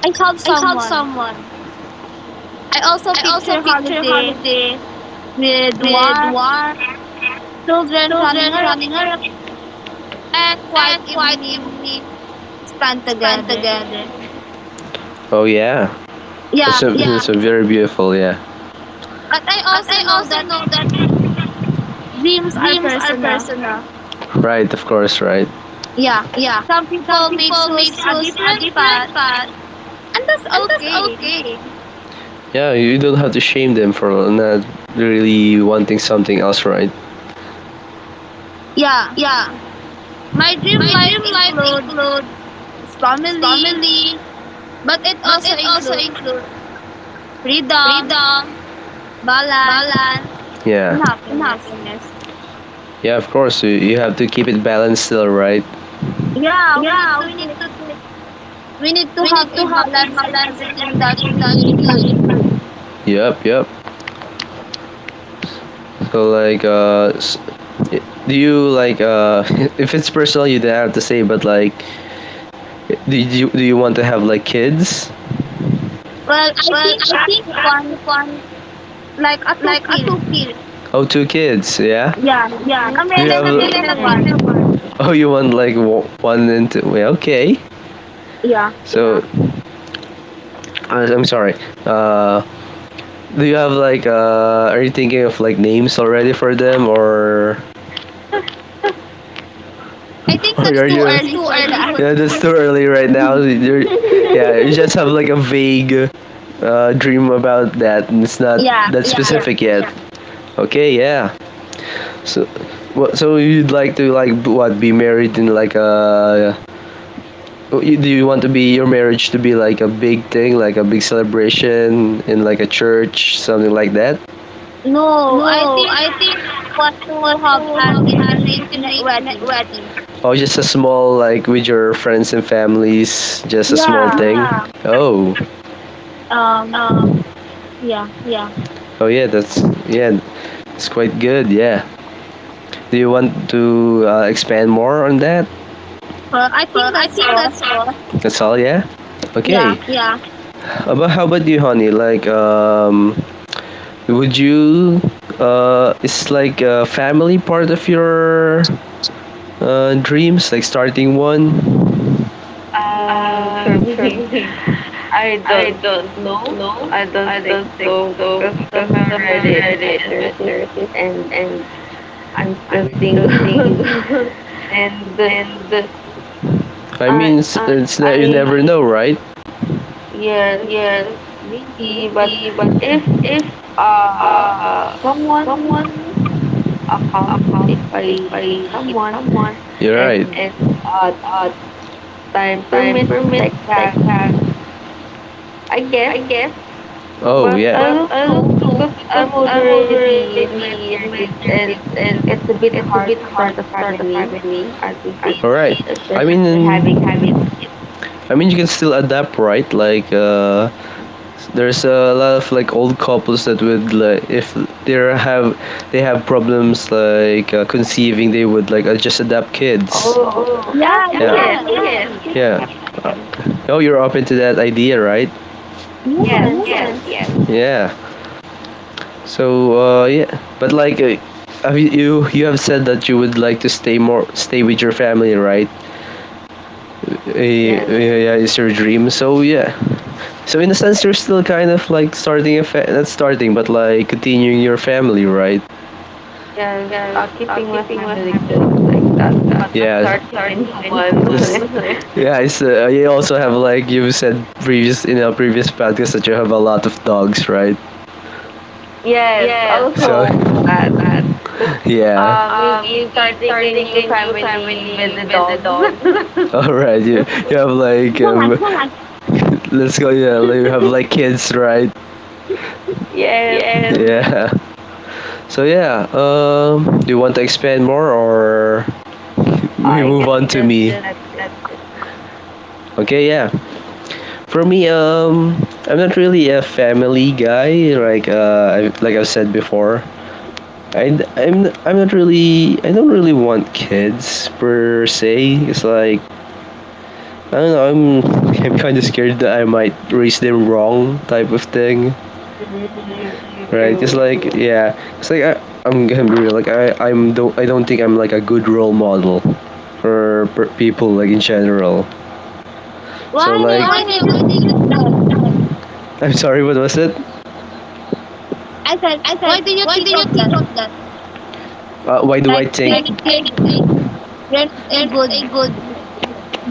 Speaker 2: I have someone.
Speaker 1: someone.
Speaker 2: I also picture
Speaker 1: Picture
Speaker 2: holiday
Speaker 1: holiday,
Speaker 2: with warm children running around and quiet evening
Speaker 1: evening
Speaker 2: spent together.
Speaker 1: together. Oh yeah,
Speaker 2: Yeah,
Speaker 1: it's a, yeah, it's a very beautiful, yeah.
Speaker 2: but I
Speaker 1: But
Speaker 2: also
Speaker 1: I
Speaker 2: know
Speaker 1: also
Speaker 2: that
Speaker 1: know that
Speaker 2: dreams are
Speaker 1: dreams are
Speaker 2: personal.
Speaker 1: personal. Right, of course, right.
Speaker 2: Yeah, some people may
Speaker 1: People may
Speaker 2: choose a
Speaker 1: choose
Speaker 2: different
Speaker 1: different.
Speaker 2: path
Speaker 1: That's
Speaker 2: and that's okay.
Speaker 1: okay. Yeah, you don't have to shame them for not really wanting something else, right?
Speaker 2: Yeah, my dream
Speaker 1: My
Speaker 2: life
Speaker 1: dream life
Speaker 2: includes
Speaker 1: includes
Speaker 2: family,
Speaker 1: family,
Speaker 2: but it also
Speaker 1: so
Speaker 2: includes
Speaker 1: includes
Speaker 2: freedom, balance,
Speaker 1: yeah,
Speaker 2: and happiness.
Speaker 1: happiness. Yeah, of course, you have to keep it balanced still, right?
Speaker 2: Yeah, we need to
Speaker 1: We need
Speaker 2: do,
Speaker 1: to
Speaker 2: we need to
Speaker 1: we
Speaker 2: have
Speaker 1: need to
Speaker 2: a balance in
Speaker 1: embrace
Speaker 2: everything that
Speaker 1: everything that
Speaker 2: we do.
Speaker 1: we yep, yep. So like, do you like [LAUGHS] if it's personal, you don't have to say, but like, do you want to have like kids?
Speaker 2: Well, I think I have one like a two
Speaker 1: A
Speaker 2: kids.
Speaker 1: two kids. Oh, two kids, yeah.
Speaker 2: Yeah,
Speaker 3: Mm.
Speaker 2: a
Speaker 1: Do you
Speaker 2: male
Speaker 1: male
Speaker 2: and a
Speaker 1: have? Male and
Speaker 2: female
Speaker 1: a
Speaker 2: one.
Speaker 1: female one. Oh, you want like one and two? Yeah, okay.
Speaker 2: Yeah,
Speaker 1: So I'm sorry. Uh, do you have like are you thinking of like names already for them or?
Speaker 2: I
Speaker 1: [LAUGHS]
Speaker 2: think
Speaker 1: Or
Speaker 2: that's
Speaker 1: are
Speaker 2: too
Speaker 1: you? It's
Speaker 2: early
Speaker 1: too
Speaker 2: for
Speaker 1: early
Speaker 2: that.
Speaker 1: for yeah, that's too early right now.
Speaker 2: [LAUGHS]
Speaker 1: You're, [LAUGHS]
Speaker 3: [LAUGHS]
Speaker 1: yeah, you just have like a vague dream about that, and it's not
Speaker 2: yeah,
Speaker 1: that yeah,
Speaker 2: yeah.
Speaker 1: specific yet, yeah. Okay, yeah. So, what? So you'd like to like what? Be married in like a? Oh, do you want to be your marriage to be like a big thing, like a big celebration in like a church, something like that?
Speaker 2: No, I
Speaker 1: Oh,
Speaker 2: think I
Speaker 1: I think
Speaker 2: want to have
Speaker 1: of
Speaker 2: an
Speaker 1: an
Speaker 2: intimate
Speaker 1: intimate.
Speaker 2: wedding.
Speaker 1: Oh, just a small like with your friends and families, just a small
Speaker 2: Yeah.
Speaker 1: thing. Yeah.
Speaker 3: Private.
Speaker 1: Oh,
Speaker 2: Um.
Speaker 1: Um,
Speaker 2: Yeah.
Speaker 1: yeah. Oh yeah, that's yeah, it's quite good. Yeah. Do you want to expand more on that?
Speaker 2: Well, I
Speaker 1: Well,
Speaker 2: think
Speaker 1: I
Speaker 2: that's
Speaker 1: think
Speaker 2: all.
Speaker 1: that's all. Yeah.
Speaker 2: Yeah.
Speaker 1: Okay, yeah. About how about you, honey? Like, would you? Is like a family part of your dreams, like starting one.
Speaker 3: For
Speaker 1: Um,
Speaker 3: me, I don't know. I don't
Speaker 1: I
Speaker 3: think
Speaker 1: don't
Speaker 3: so
Speaker 1: though,
Speaker 3: because I'm
Speaker 1: because I'm
Speaker 3: already in my
Speaker 1: already in my
Speaker 3: 30s
Speaker 1: 30s
Speaker 3: and
Speaker 1: and
Speaker 3: I'm still
Speaker 1: I'm still
Speaker 3: single.
Speaker 1: single.
Speaker 3: [LAUGHS] And,
Speaker 1: [LAUGHS] And I mean,
Speaker 3: I
Speaker 1: it's you
Speaker 3: I
Speaker 1: never know, right?
Speaker 3: yes,
Speaker 1: Yes,
Speaker 3: maybe, but
Speaker 1: maybe, but
Speaker 3: if
Speaker 1: if
Speaker 3: uh
Speaker 1: uh,
Speaker 3: someone
Speaker 1: someone
Speaker 3: uh, comes,
Speaker 1: about
Speaker 3: if I
Speaker 1: it
Speaker 3: meet
Speaker 1: by
Speaker 3: someone
Speaker 1: someone you're right,
Speaker 3: and
Speaker 1: and the
Speaker 3: uh time
Speaker 1: time
Speaker 3: permits
Speaker 1: permits
Speaker 3: like
Speaker 1: like
Speaker 3: that,
Speaker 1: that,
Speaker 3: I guess.
Speaker 1: oh
Speaker 3: But
Speaker 1: yeah.
Speaker 3: I
Speaker 1: But
Speaker 3: don't
Speaker 1: I
Speaker 3: know
Speaker 1: don't know.
Speaker 3: because I'm already in my
Speaker 1: In my
Speaker 3: thirties and
Speaker 1: 30s and
Speaker 3: it's a bit hard to start a
Speaker 1: hard to start
Speaker 3: family
Speaker 1: family.
Speaker 3: at this
Speaker 1: All
Speaker 3: age,
Speaker 1: right. I
Speaker 3: especially
Speaker 1: mean,
Speaker 3: having
Speaker 1: having I mean, you can still adapt, right? Like, there's a lot of like old couples that would like if they have they have problems like conceiving, they would like just adopt kids.
Speaker 3: oh yeah,
Speaker 2: Yeah.
Speaker 3: yes,
Speaker 2: Yeah.
Speaker 3: maybe at
Speaker 1: Yes,
Speaker 3: that
Speaker 1: yeah.
Speaker 3: time.
Speaker 1: Oh, you're open to that idea, right?
Speaker 3: Yes,
Speaker 2: Yes.
Speaker 3: yes, yes,
Speaker 1: Yes, yes. Yeah. So, yeah. But like, have you, you have said that you would like to stay with your family, right?
Speaker 3: yes.
Speaker 1: Yeah, it's your dream. So yeah. So in a sense, you're still kind of like starting a not starting, but like continuing your family, right?
Speaker 3: Yes, keeping my family close like that, but
Speaker 1: Like
Speaker 3: not
Speaker 1: yeah,
Speaker 3: starting [LAUGHS] a new one.
Speaker 1: yes.
Speaker 3: [LAUGHS]
Speaker 1: Yeah. It's you also have like you said previous in a previous podcast that you have a lot of dogs, right?
Speaker 3: Yes,
Speaker 1: Yes, so
Speaker 3: also that. So,
Speaker 1: [LAUGHS] yeah.
Speaker 3: maybe starting a new family with the dogs.
Speaker 1: All right, you have like
Speaker 2: [LAUGHS] Why?
Speaker 1: [LAUGHS] let's go. Yeah, like, you have
Speaker 3: [LAUGHS]
Speaker 1: like kids, right?
Speaker 3: Yes,
Speaker 1: Yes. Yeah. So yeah. Do you want to expand more or? We
Speaker 3: I
Speaker 1: move
Speaker 3: guess
Speaker 1: on to
Speaker 3: just
Speaker 1: me.
Speaker 3: that's it.
Speaker 1: Okay, yeah. For me, I'm not really a family guy. Like, I, like I've said before, I'm not really, I don't really want kids per se. It's like, I don't know. I'm, [LAUGHS] I'm kind of scared that I might raise them wrong, type of thing.
Speaker 3: Mm,
Speaker 1: Right?
Speaker 3: true.
Speaker 1: It's like, yeah. It's like I, I'm gonna be real. Like, I don't think I'm like a good role model for per people like in general. So like,
Speaker 2: Why? Why
Speaker 1: Arnie,
Speaker 2: did you
Speaker 1: why did you
Speaker 2: think that?
Speaker 1: think that? I'm sorry, what was it?
Speaker 2: I said,
Speaker 1: I said,
Speaker 2: why do you
Speaker 1: why
Speaker 2: think
Speaker 1: do you
Speaker 2: of
Speaker 1: think
Speaker 2: that?
Speaker 1: of that? Why do I
Speaker 2: Like
Speaker 1: think? Like,
Speaker 2: hearing a
Speaker 1: Granny is
Speaker 2: good
Speaker 1: a good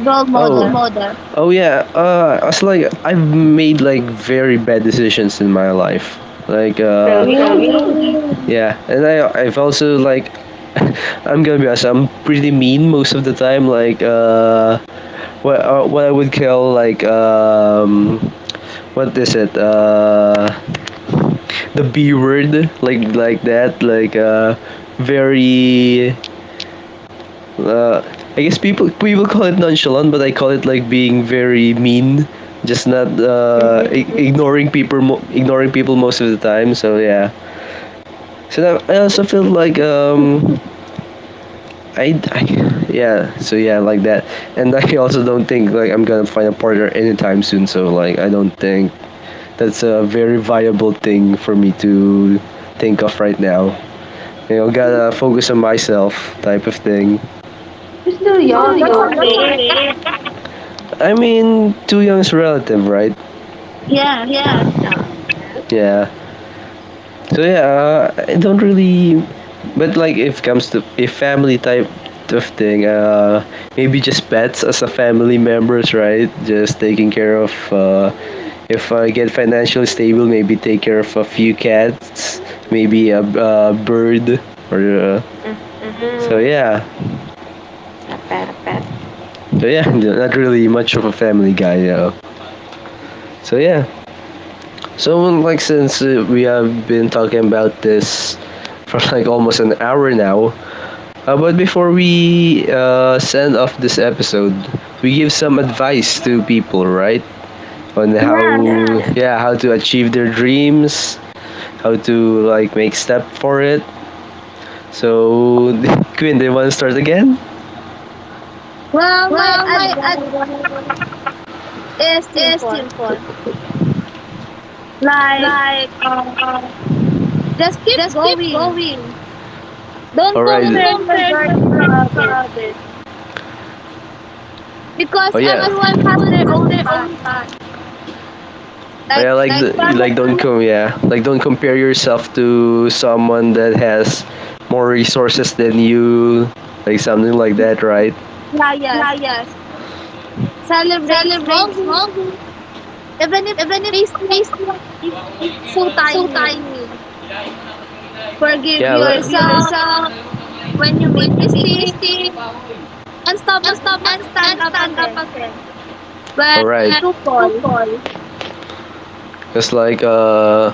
Speaker 2: role
Speaker 1: oh,
Speaker 2: model.
Speaker 1: model. Oh yeah. It's like I've made like very bad decisions in my life. Like
Speaker 3: Well, we all do.
Speaker 2: Oh,
Speaker 1: yeah, and I've also like, [LAUGHS] I'm gonna be honest. I'm pretty mean most of the time. Like what I would call like what is it? The B word, like that, like very uh I guess people call it nonchalant, but I call it like being very mean, just not
Speaker 3: Mm-hmm.
Speaker 1: ignoring people most of the time, so yeah. So that I also feel like I yeah, so yeah, like that. And I also don't think like I'm gonna find a partner anytime soon, so like I don't think that's a very viable thing for me to think of right now. You know, gotta focus on myself type of thing.
Speaker 3: We're still
Speaker 1: You're
Speaker 2: oh
Speaker 1: still
Speaker 3: young
Speaker 2: that's
Speaker 1: young,
Speaker 2: a
Speaker 3: though.
Speaker 1: though,
Speaker 2: great.
Speaker 1: okay. I mean, too young is relative, right?
Speaker 2: Yes,
Speaker 1: Yeah,
Speaker 3: Uh,
Speaker 1: it's not.
Speaker 3: yes.
Speaker 1: Yeah. So yeah, I don't really. But like, if it comes to a family type of thing, maybe just pets as a family members, right? Just taking care of. If I get financially stable, maybe take care of a few cats, maybe a bird, or so
Speaker 3: Mm-hmm.
Speaker 1: yeah.
Speaker 3: A pet.
Speaker 1: So yeah, [LAUGHS] not really much of a Family Guy though. So yeah, so like since we have been talking about this for [LAUGHS] like almost an hour now, but before we send off this episode, we give some advice to people, right? On how
Speaker 2: yes.
Speaker 3: Yes.
Speaker 1: yeah, how to achieve their dreams, how to like make step for it. So [LAUGHS] Quinn, do you want to start again?
Speaker 2: Well, my advice is
Speaker 1: It's
Speaker 2: simple.
Speaker 1: simple.
Speaker 2: Like, uh,
Speaker 1: Um,
Speaker 2: just keep
Speaker 1: just
Speaker 2: going.
Speaker 1: going. All
Speaker 2: Don't
Speaker 1: right.
Speaker 2: compare
Speaker 1: Don't
Speaker 2: your
Speaker 1: right,
Speaker 2: journey
Speaker 1: compare your
Speaker 2: to others
Speaker 1: bag bag.
Speaker 2: because
Speaker 1: Oh yeah.
Speaker 2: everyone
Speaker 1: Because
Speaker 2: has
Speaker 1: everyone
Speaker 2: their
Speaker 1: has
Speaker 2: own
Speaker 1: their
Speaker 2: path.
Speaker 1: own bag. Oh
Speaker 2: Like,
Speaker 1: yeah. Like, the,
Speaker 2: follow,
Speaker 1: like don't com yeah. Like don't compare yourself to someone that has more resources than you. Like something like that, right?
Speaker 2: yeah, yes. Celebrate small wins, even if they seem they seem so
Speaker 1: That is so
Speaker 2: tiny.
Speaker 1: mean.
Speaker 2: Forgive
Speaker 1: Yeah. Like, give
Speaker 2: yourself
Speaker 1: yourself
Speaker 2: when you make
Speaker 1: when you make
Speaker 2: mistakes
Speaker 1: mistake.
Speaker 2: and stop and stand up again when
Speaker 1: All right.
Speaker 2: you
Speaker 1: And
Speaker 2: fall.
Speaker 1: it's like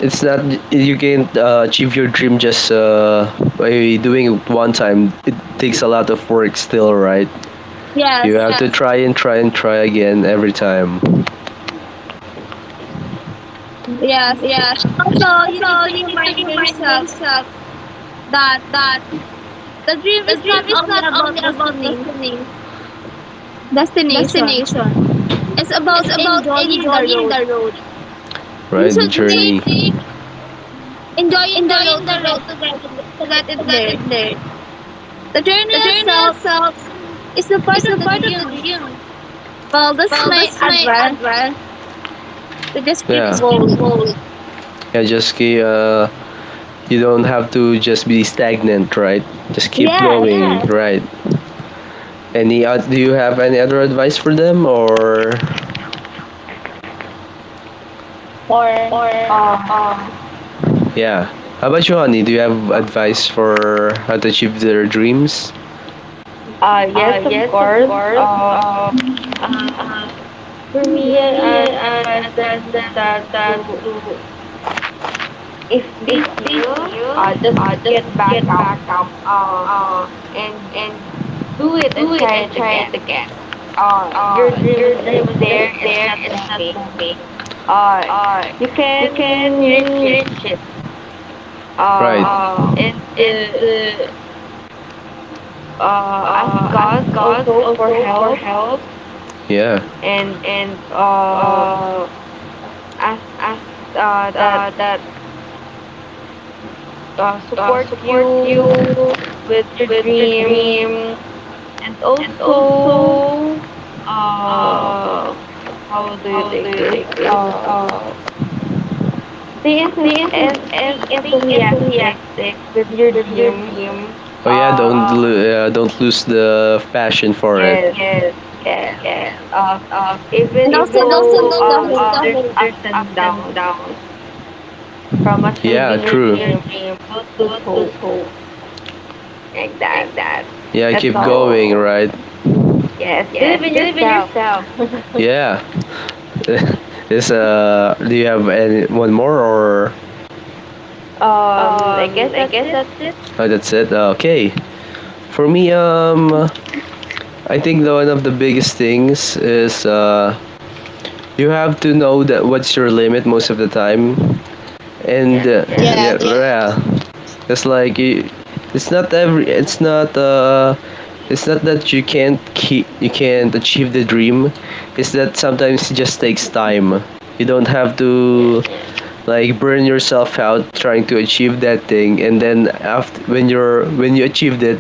Speaker 1: it's not you can't achieve your dream just by doing it one time. It takes a lot of work still, right? You
Speaker 2: Yes,
Speaker 1: have to yeah, try and try and try again every time.
Speaker 2: yes.
Speaker 1: uh,
Speaker 2: Also, you need to
Speaker 1: You need to
Speaker 2: remind
Speaker 1: remind
Speaker 2: yourself
Speaker 1: yourself
Speaker 2: that the dream is not only about
Speaker 1: to
Speaker 2: destination.
Speaker 1: destination.
Speaker 2: It's about enjoying the
Speaker 1: Enjoying
Speaker 2: road.
Speaker 1: the road.
Speaker 2: You
Speaker 1: Right, the you
Speaker 2: should
Speaker 1: should
Speaker 2: take
Speaker 1: journey, take
Speaker 2: enjoying the road
Speaker 1: taking the road
Speaker 2: to get it
Speaker 1: to get
Speaker 2: there.
Speaker 1: it there.
Speaker 2: The journey
Speaker 1: The journey
Speaker 2: itself
Speaker 1: itself
Speaker 2: is a part
Speaker 1: is
Speaker 2: of the
Speaker 1: not the
Speaker 2: dream.
Speaker 1: dream.
Speaker 2: Well, this
Speaker 1: But
Speaker 2: my
Speaker 1: it's my
Speaker 2: advice to just keep
Speaker 1: yeah, ultimate
Speaker 2: going.
Speaker 1: goal, yeah. Just you don't have to just be stagnant, right? Just keep
Speaker 2: Yes,
Speaker 1: going, yeah, right? Any do you have any other advice for them
Speaker 2: or
Speaker 1: or
Speaker 3: Uh,
Speaker 1: um yeah? How about you, honey? Do you have advice for how to achieve their dreams?
Speaker 3: yes, of
Speaker 1: Yes, of
Speaker 3: course.
Speaker 1: course.
Speaker 3: Um.
Speaker 1: um
Speaker 2: And
Speaker 3: Uh,
Speaker 1: uh,
Speaker 3: for me,
Speaker 1: for me,
Speaker 3: I
Speaker 1: I
Speaker 3: advise
Speaker 1: advise
Speaker 3: them
Speaker 1: them
Speaker 3: that
Speaker 1: that
Speaker 3: to,
Speaker 1: to
Speaker 3: if
Speaker 1: if
Speaker 3: they
Speaker 1: they
Speaker 3: fail,
Speaker 1: feel,
Speaker 3: just
Speaker 1: just
Speaker 3: get
Speaker 1: get
Speaker 3: back up,
Speaker 1: back up,
Speaker 3: uh,
Speaker 1: uh
Speaker 3: and
Speaker 1: and
Speaker 3: do it
Speaker 1: do
Speaker 3: and
Speaker 1: it
Speaker 3: try
Speaker 1: and
Speaker 3: it
Speaker 1: try
Speaker 3: again.
Speaker 1: it again. uh
Speaker 3: Your dream is
Speaker 1: your dream
Speaker 3: just
Speaker 1: is
Speaker 3: there;
Speaker 1: just
Speaker 3: it's
Speaker 1: there,
Speaker 3: not
Speaker 1: it's not
Speaker 3: moving.
Speaker 1: moving.
Speaker 3: Uh,
Speaker 1: uh,
Speaker 3: you
Speaker 1: you
Speaker 3: can
Speaker 1: can
Speaker 3: reach it.
Speaker 1: reach it. Right.
Speaker 3: Uh, and
Speaker 1: And
Speaker 3: the, ask
Speaker 1: ask
Speaker 3: God
Speaker 1: God
Speaker 3: also for
Speaker 1: also for
Speaker 3: help
Speaker 1: help, yeah.
Speaker 3: and,
Speaker 1: And
Speaker 3: uh,
Speaker 1: uh,
Speaker 3: ask,
Speaker 1: ask, uh,
Speaker 3: that,
Speaker 1: that
Speaker 3: support
Speaker 1: support you.
Speaker 3: you with your dream. And
Speaker 1: And
Speaker 3: also, uh,
Speaker 1: uh,
Speaker 3: how do you
Speaker 1: how
Speaker 3: take
Speaker 1: the
Speaker 3: this?
Speaker 1: it is
Speaker 3: Stay, enthu- and stay enthusiastic with your dream.
Speaker 1: Oh yeah.
Speaker 3: Uh,
Speaker 1: Don't lose the passion for it.
Speaker 3: yes, yes. Uh, Even
Speaker 2: also
Speaker 1: Even And also
Speaker 2: don't
Speaker 1: though
Speaker 3: though,
Speaker 2: miss the
Speaker 1: don't lose, the
Speaker 2: whole.
Speaker 3: there's
Speaker 1: hope. There's
Speaker 3: ups and
Speaker 1: ups
Speaker 3: downs
Speaker 1: and downs.
Speaker 3: from achieving
Speaker 1: Yeah.
Speaker 3: your
Speaker 1: True.
Speaker 3: dream, don't lose
Speaker 1: Don't lose
Speaker 3: hope
Speaker 1: hope.
Speaker 3: like that.
Speaker 1: Yeah, I
Speaker 3: That's
Speaker 1: keep
Speaker 3: all.
Speaker 1: going, right?
Speaker 3: Yes, believe in yourself. [LAUGHS]
Speaker 1: Yeah. [LAUGHS] This, do you have any one more? Or
Speaker 3: Um,
Speaker 1: Uh,
Speaker 3: I guess that's it.
Speaker 1: oh, that's it? Okay. For me, I think the one of the biggest things is, you have to know that what's your limit most of the time. And yeah.
Speaker 3: Yes.
Speaker 1: Uh, yeah,
Speaker 2: Yes.
Speaker 1: yeah. It's like you, it's not every, it's not It's not that you can't achieve the dream. It's that sometimes it just takes time. You don't have to like burn yourself out trying to achieve that thing, and then after, when you achieved it,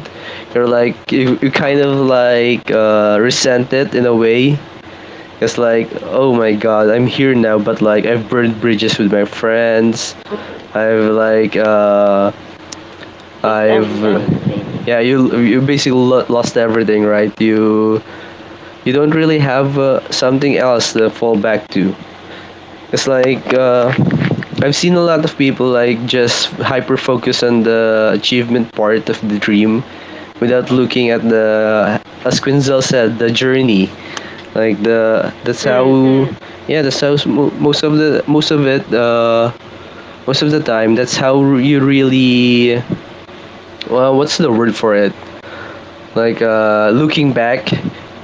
Speaker 1: you kind of resent it in a way. It's like, oh my god, I'm here now, but like I've burned bridges with my friends.
Speaker 3: Mm.
Speaker 1: I've like uh
Speaker 3: Just
Speaker 1: I've
Speaker 3: everything.
Speaker 1: yeah, you basically lost everything, right? You don't really have, something else to fall back to. It's like, I've seen a lot of people like just hyper focus on the achievement part of the dream, without looking at the, as Quinzel said, the journey. Like the
Speaker 3: Mm.
Speaker 1: that's how, Mm. yeah, that's how most of it, most of the time, that's how you really, well, what's the word for it, looking back,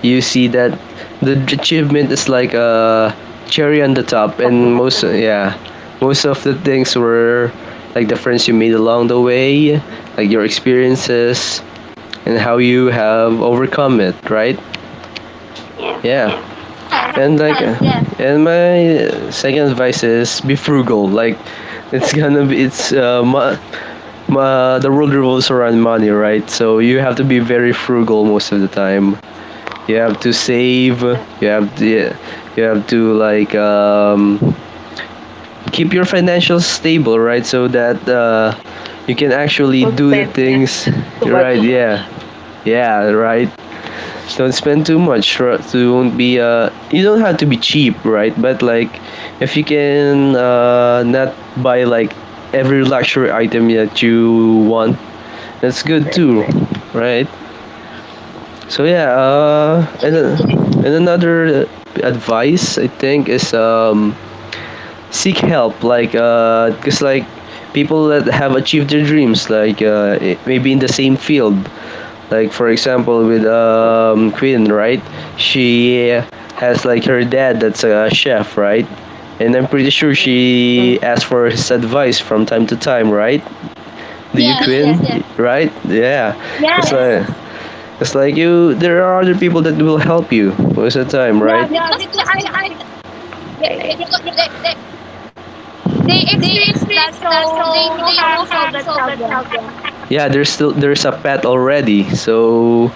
Speaker 1: you see that the achievement is like a cherry on the top, and
Speaker 3: Successful.
Speaker 1: most, yeah, most of the things were like the friends you made along the way, like your experiences, and how you have overcome it, right?
Speaker 3: Yes.
Speaker 1: Yeah.
Speaker 2: Yes, yes, yes,
Speaker 1: And my second advice is, be frugal. Like, it's gonna be, the world revolves around money, right? So you have to be very frugal most of the time. You have to save, you have to you have to like, keep your financials stable, right? So that, you can actually
Speaker 3: So
Speaker 1: do the
Speaker 3: spend
Speaker 1: things,
Speaker 3: so much.
Speaker 1: right? Yeah. Yeah, right. Don't spend too much, right? So won't be, you don't have to be cheap, right? But like, if you can, not buy like every luxury item that you want, that's good
Speaker 3: Right.
Speaker 1: too, right? So yeah,
Speaker 2: yes, yes,
Speaker 1: and another advice I think is, seek help. Like, cause like people that have achieved their dreams, like, maybe in the same field. Like for example, with, Queen, right? She has like her dad that's a chef, right? And I'm pretty sure
Speaker 3: Mm-mm.
Speaker 1: she asks for his advice from time to time, right? Do you,
Speaker 2: yes,
Speaker 1: yes,
Speaker 2: yes,
Speaker 1: Queen? Yes. Right? Yeah. It's, yes,
Speaker 2: yes.
Speaker 1: like, it's like you, there are other people that will help you most of the time,
Speaker 2: Yeah,
Speaker 1: right? Yeah,
Speaker 2: because they are
Speaker 3: Right.
Speaker 2: they, they,
Speaker 1: I-
Speaker 2: they,
Speaker 1: because
Speaker 2: they
Speaker 1: they
Speaker 2: experience that,
Speaker 1: experience that,
Speaker 2: so they
Speaker 1: so
Speaker 2: know
Speaker 1: they
Speaker 2: how to
Speaker 1: know
Speaker 2: solve
Speaker 1: how
Speaker 2: the
Speaker 1: to solve that
Speaker 2: problem.
Speaker 1: problem. Yeah, there's a pet already, so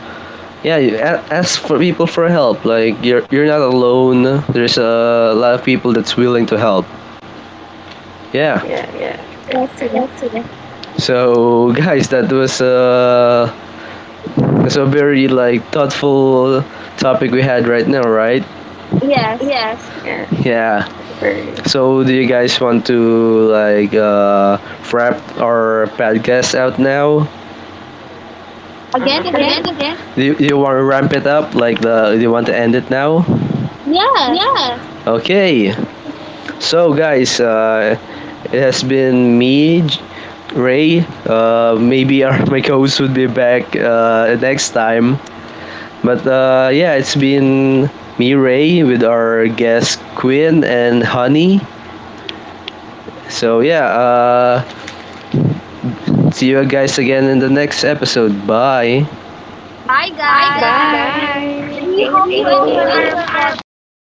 Speaker 1: yeah, you, ask for people for help. Like you're not alone. There's a lot of people that's willing to help.
Speaker 3: Yes.
Speaker 1: Yeah. Yeah,
Speaker 3: Correct.
Speaker 2: Yes,
Speaker 1: yes,
Speaker 2: yes,
Speaker 1: yes. So guys, that was, that's a very like thoughtful topic we had right now, right?
Speaker 2: yes.
Speaker 1: Yeah.
Speaker 3: Yeah.
Speaker 1: Yeah.
Speaker 3: Very.
Speaker 1: So do you guys want to like, wrap our podcast out now?
Speaker 3: Sure.
Speaker 2: Again, again.
Speaker 1: Again, do you, you want to ramp it up? Like the, do you want to end it now?
Speaker 2: Yes.
Speaker 1: Okay. So guys, it has been me, J- Ray. Maybe our [LAUGHS] my co-host would be back, next time. But yeah, it's been me, Ray, with our guest Quinn and Honey. So yeah. See you guys again in the next episode. Bye!
Speaker 2: Bye, guys.
Speaker 3: Bye. Thank
Speaker 2: We
Speaker 1: Bye!
Speaker 2: hope you
Speaker 3: you.
Speaker 2: enjoy our podcast.